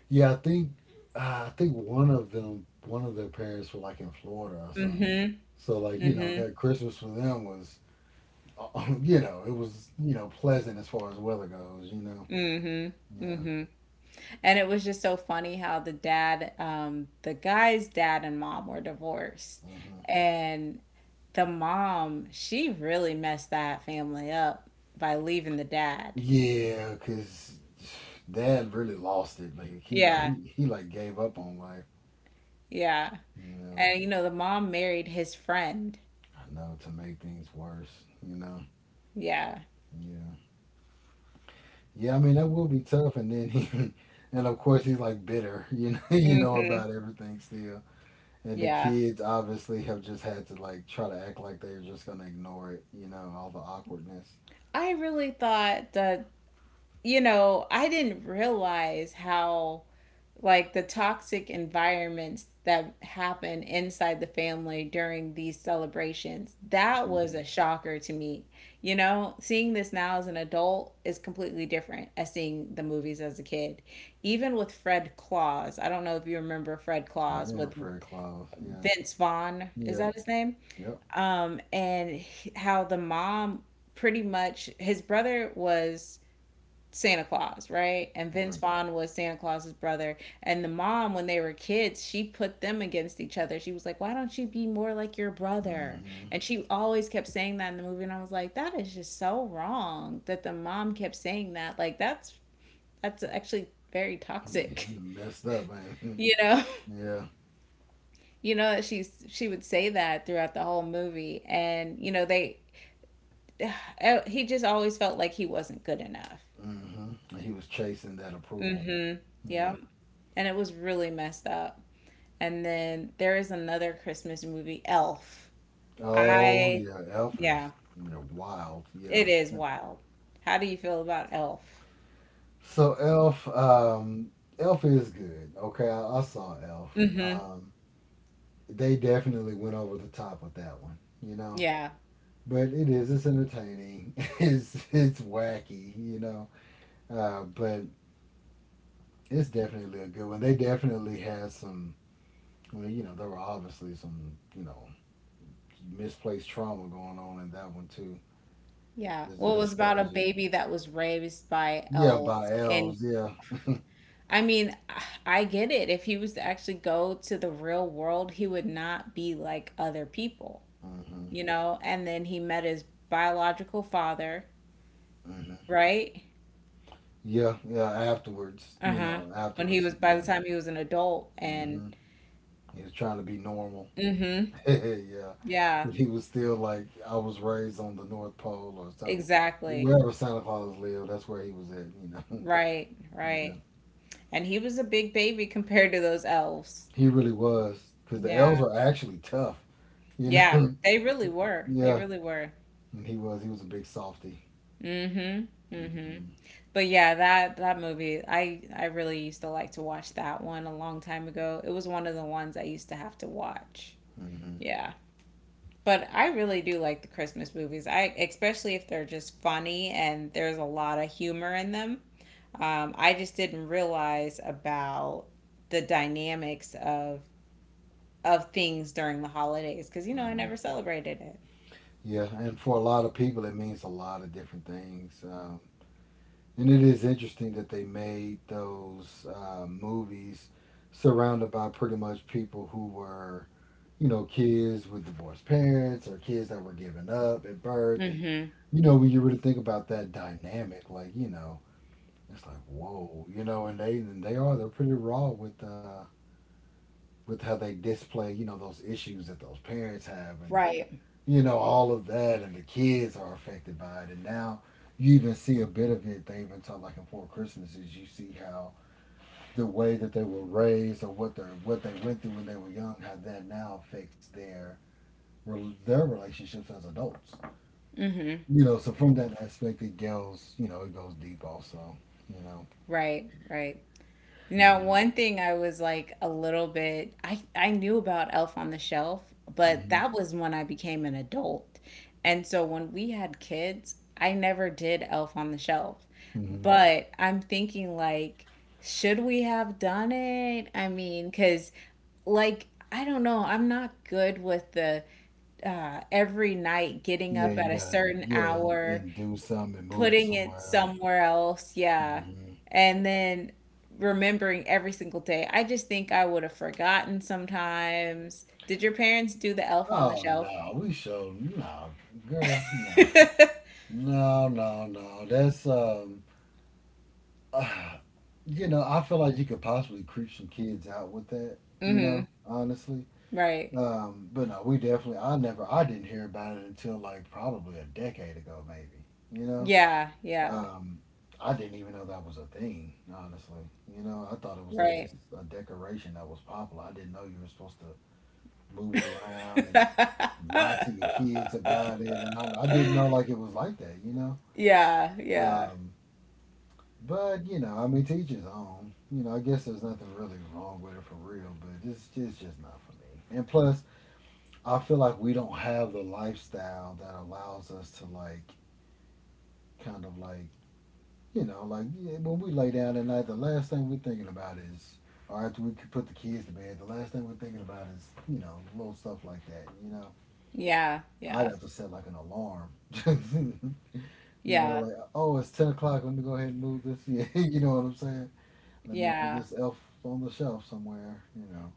Yeah, I think one of them, one of their parents were like in Florida or something. Mm-hmm. So like that Christmas for them was, it was pleasant as far as weather goes. You know, Mm-hmm. yeah, Mm-hmm. And it was just so funny how the dad, the guy's dad and mom were divorced. hmm And the mom, she really messed that family up by leaving the dad. yeah, because Dad really lost it. Like he Yeah. Gave up on life. Yeah. You know, And, you know, the mom married his friend. I know to make things worse. You know, Yeah. yeah, yeah. I mean that will be tough. And then he, and of course he's like bitter. You know. You know Mm-hmm. about everything still. And the Yeah. kids obviously have just had to like try to act like they're just gonna ignore it, all the awkwardness. I really thought that, you know, I didn't realize how like the toxic environments that happen inside the family during these celebrations. That was a Hmm shocker to me. You know, seeing this now as an adult is completely different as seeing the movies as a kid. Even with Fred Claus, I don't know if you remember Fred I Claus remember with Fred Claus. Yeah. Vince Vaughn, is Yeah. that his name? Yep. And how the mom, pretty much his brother was Santa Claus, right? And Vince Right. Vaughn was Santa Claus's brother. And the mom, when they were kids, she put them against each other. She was like, why don't you be more like your brother? Mm-hmm. And she always kept saying that in the movie. And I was like, that is just so wrong that the mom kept saying that. Like, that's actually very toxic, messed up, man. you know? yeah. You know that she would say that throughout the whole movie, and you know they, he just always felt like he wasn't good enough. Mm-hmm. He was chasing that approval. Mm-hmm. Yeah. Yep. And it was really messed up. And then there is another Christmas movie, Elf. Oh, I, yeah. Elf yeah, is wild. Yeah. it is wild. How do you feel about Elf? So Elf, Elf is good. Okay, I saw Elf. Hmm. Um, they definitely went over the top with that one. You know, Yeah. but it's entertaining. It's wacky, you know. But it's definitely a good one. They definitely had some, well, you know, there were obviously some, you know, misplaced trauma going on in that one too. Yeah. as, Well, it as was far about a as just, baby that was raised by yeah, elves. by And elves, yeah. I mean, I get it. If he was to actually go to the real world, he would not be like other people, Hmm. you know? And then he met his biological father, Hmm. right? Yeah, yeah, afterwards, you Uh-huh. know, When he afterwards, was, by the yeah. time he was an adult, and Hmm. He was trying to be normal. mm-hmm. Yeah. Yeah. He was still like, I was raised on the North Pole or something. Exactly. Wherever Santa Claus lived, that's where he was at. Right, right. Yeah. And he was a big baby compared to those elves. He really was. Because the elves Yeah. were actually tough, you Yeah, know. they really were. They Yeah. really were. And he was. He was a big softy. Mhm. Mhm. Hmm. But yeah, that that movie, I really used to like to watch that one a long time ago. It was one of the ones I used to have to watch. Hmm. Yeah. But I really do like the Christmas movies. I especially if they're just funny and there's a lot of humor in them. I just didn't realize about the dynamics of things during the holidays because, you know, I never Hmm. celebrated it. Yeah. And for a lot of people, it means a lot of different things. And it is interesting that they made those movies surrounded by pretty much people who were, you know, kids with divorced parents or kids that were given up at birth. And, Mm-hmm. you know, when you really think about that dynamic, like, you know, it's like, whoa, you know, and they are, they're pretty raw with how they display, you know, those issues that those parents have and, Right. you know, all of that. And the kids are affected by it. And now you even see a bit of it. They even talk, like in Four Christmases, you see how the way that they were raised or what they went through when they were young, how that now affects their their relationships as adults. Mm-hmm. You know, so from that aspect, it goes, you know, it goes deep also, you know. Right, right. Now, And, one thing I was like a little bit, I knew about Elf on the Shelf, but hmm. that was when I became an adult. And so when we had kids, I never did Elf on the Shelf. Hmm. But I'm thinking, like, should we have done it? I mean, cuz like I don't know, I'm not good with the every night getting Yeah, up at you a gotta, certain yeah, and, hour, and do something and move it putting it somewhere else. somewhere else, yeah. Hmm. And then remembering every single day. I just think I would have forgotten sometimes. Did your parents do the elf on the Oh shelf? no, we show no, girl, no, no, no, no. That's you know, I feel like you could possibly creep some kids out with that. You Hmm. know, honestly, Right. But no, we definitely. I never. I didn't hear about it until like probably a decade ago, maybe. You know. Yeah, yeah. Um, I didn't even know that was a thing. Honestly, you know, I thought it was like Right. just a decoration that was popular. I didn't know you were supposed to move it around and lie to your kids about it, and I didn't know like it was like that. You know. Yeah, yeah. Um, but you know, I mean, to each his own. You know, I guess there's nothing really wrong with it for real, but it's just not for me. And plus, I feel like we don't have the lifestyle that allows us to like, kind of like, you know, like, yeah, when we lay down at night, the last thing we're thinking about is, or after we put the kids to bed, the last thing we're thinking about is, you know, little stuff like that. You know, Yeah, I'd yeah. have to set like an alarm. You know, Yeah, like oh, it's 10 o'clock. Let me go ahead and move this. Yeah, you know what I'm saying. Let me move yeah. this elf on the shelf somewhere. You know.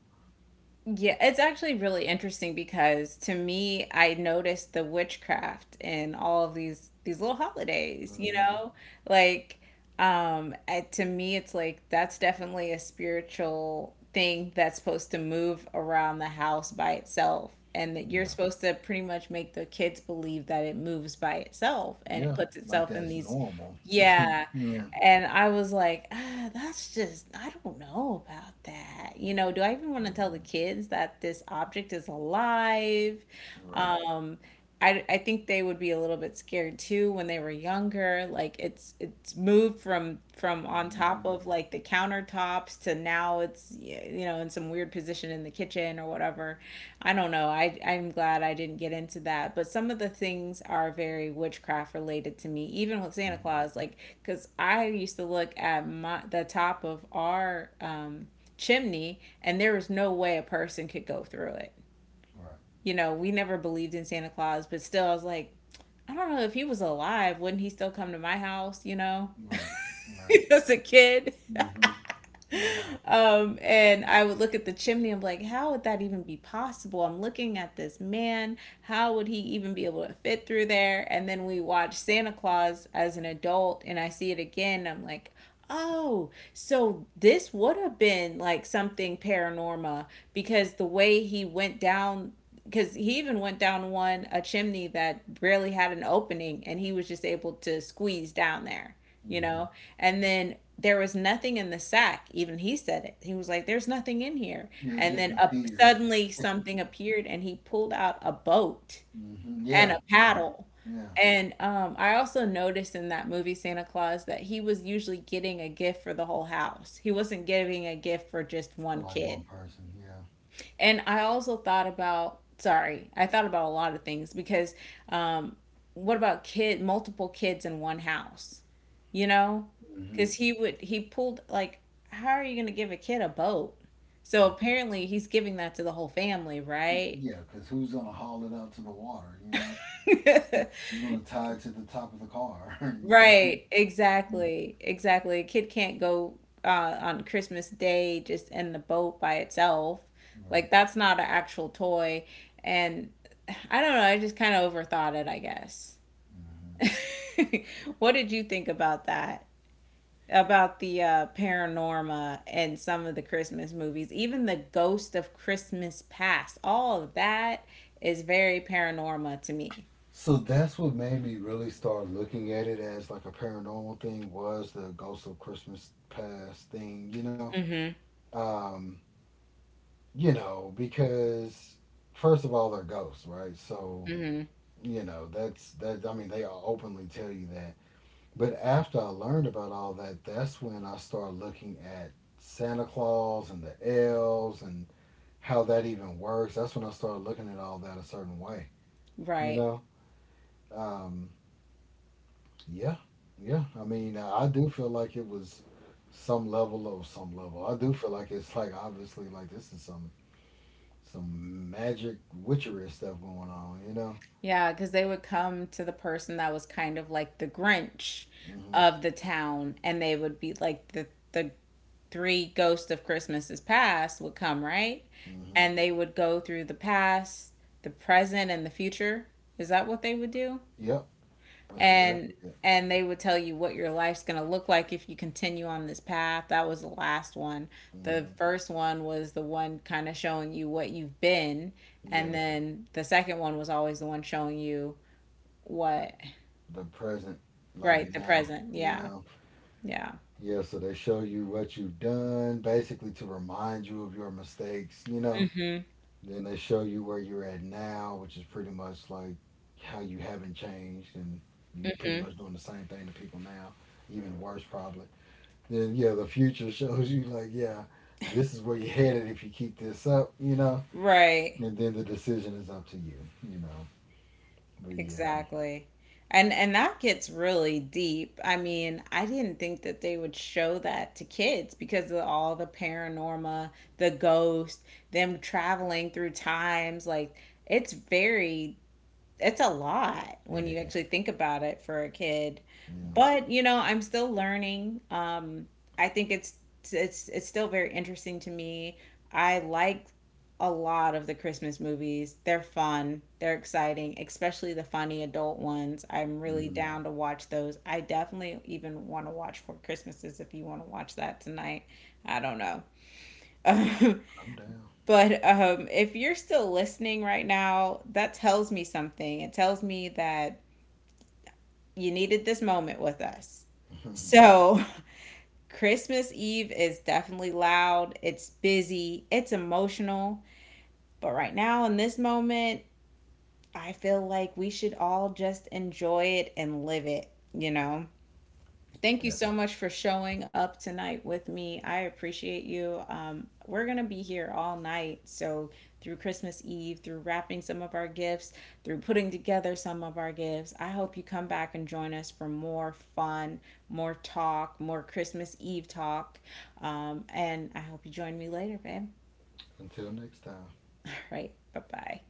Yeah, it's actually really interesting because to me, I noticed the witchcraft in all of these little holidays, you Hmm. know? Like, to me it's like that's definitely a spiritual thing that's supposed to move around the house by itself, and that you're Yeah. supposed to pretty much make the kids believe that it moves by itself and it Yeah. puts Like itself in that's these, normal. yeah. Yeah. And I was like, ah, that's just, I don't know about that. You know, do I even want to tell the Hmm. kids that this object is alive? Right. Right. I think they would be a little bit scared too when they were younger. Like, it's moved from on top Mhm. of like the countertops to now it's, you know, in some weird position in the kitchen or whatever. I don't know, I'm glad I didn't get into that. But some of the things are very witchcraft related to me, even with Santa Claus. Like, because I used to look at my, the top of our chimney, and there was no way a person could go through it. Right, You know, we never believed in Santa Claus, but still, I was like, I don't know, if he was alive, wouldn't he still come to my house, you know, right, right. as a kid? Hmm. I know. And I would look at the chimney. I'm like, how would that even be possible? I'm looking at this man. How would he even be able to fit through there? And then we watch Santa Claus as an adult, and I see it again. And I'm like, oh, so this would have been like something paranormal, because the way he went down, because he even went down one a chimney that barely had an opening, and he was just able to squeeze down there, you Hmm. know? And then there was nothing in the sack. Even he said it. He was like, there's nothing in here. Yeah, it And just then up, appears. suddenly something appeared and he pulled out a boat Hmm. and Yeah, a yeah, paddle. yeah. And I also noticed in that movie, Santa Claus, that he was usually getting a gift for the whole house. He wasn't giving a gift for just For one like kid. one person, yeah. And I also thought about, sorry, I thought about a lot of things because, um, what about kid, multiple kids in one house? You know? Because Hmm. he would, he pulled, like, how are you going to give a kid a boat? So apparently he's giving that to the whole family, right? Yeah, because who's gonna haul it out to the water? You know, who's gonna tie it to the top of the car? You know, Right, Mhm. exactly, exactly. A kid can't go on Christmas Day just in the boat by itself. Right. Like, that's not an actual toy, and I don't know. I just kind of overthought it, I guess. Hmm. What did you think about that? About the paranorma and some of the Christmas movies, even the Ghost of Christmas Past, all of that is very paranorma to me. So that's what made me really start looking at it as like a paranormal thing was the Ghost of Christmas Past thing. Hmm. um, you know, because first of all, they're ghosts, right? So, you know, that's that. I mean, they all openly tell you that. But after I learned about all that, that's when I started looking at Santa Claus and the elves and how that even works. That's when I started looking at all that a certain way, you Right. know? Um, yeah, yeah. I mean, I do feel like it was some level. I do feel like it's like obviously like this is some, magic witchery stuff going on, you know? Yeah, because they would come to the person that was kind of like the Grinch Hmm. of the town, and they would be like the the three ghosts of Christmases past would come, right, Hmm. and they would go through the past, the present, and the future. Is that what they would do? Yep. That's And exactly it. They would tell you what your life's going to look like if you continue on this path. That was the last one. The Hmm. first one was the one kind of showing you what you've been, and Yeah. then the second one was always the one showing you what? The present, like Right, the now, present. you Yeah. know? Yeah. Yeah. So they show you what you've done, basically to remind you of your mistakes, you know? Then they show you where you're at now, which is pretty much like how you haven't changed and you pretty Mhm. much doing the same thing to people now, even worse probably. Then yeah, the future shows you like, yeah, this is where you're headed if you keep this up, you know. Right. And then the decision is up to you, you know. But yeah, Exactly. And that gets really deep. I mean, I didn't think that they would show that to kids because of all the paranorma, the ghost, them traveling through times. Like, it's very, it's a lot when it you is. actually think about it for a kid. Yeah, But you know, I'm still learning. I think it's still very interesting to me. I like a lot of the Christmas movies. They're fun, they're exciting, especially the funny adult ones. I'm really hmm. down to watch those. I definitely even want to watch Four Christmases if you want to watch that tonight. I don't know. I'm down. But if you're still listening right now, that tells me something. It tells me that you needed this moment with us. So, Christmas Eve is definitely loud, it's busy, it's emotional. But right now, in this moment, I feel like we should all just enjoy it and live it, you know? Thank you Yeah. so much for showing up tonight with me. I appreciate you. We're going to be here all night. So, through Christmas Eve, through wrapping some of our gifts, through putting together some of our gifts, I hope you come back and join us for more fun, more talk, more Christmas Eve talk. And I hope you join me later, babe. Until next time. All right. Bye bye.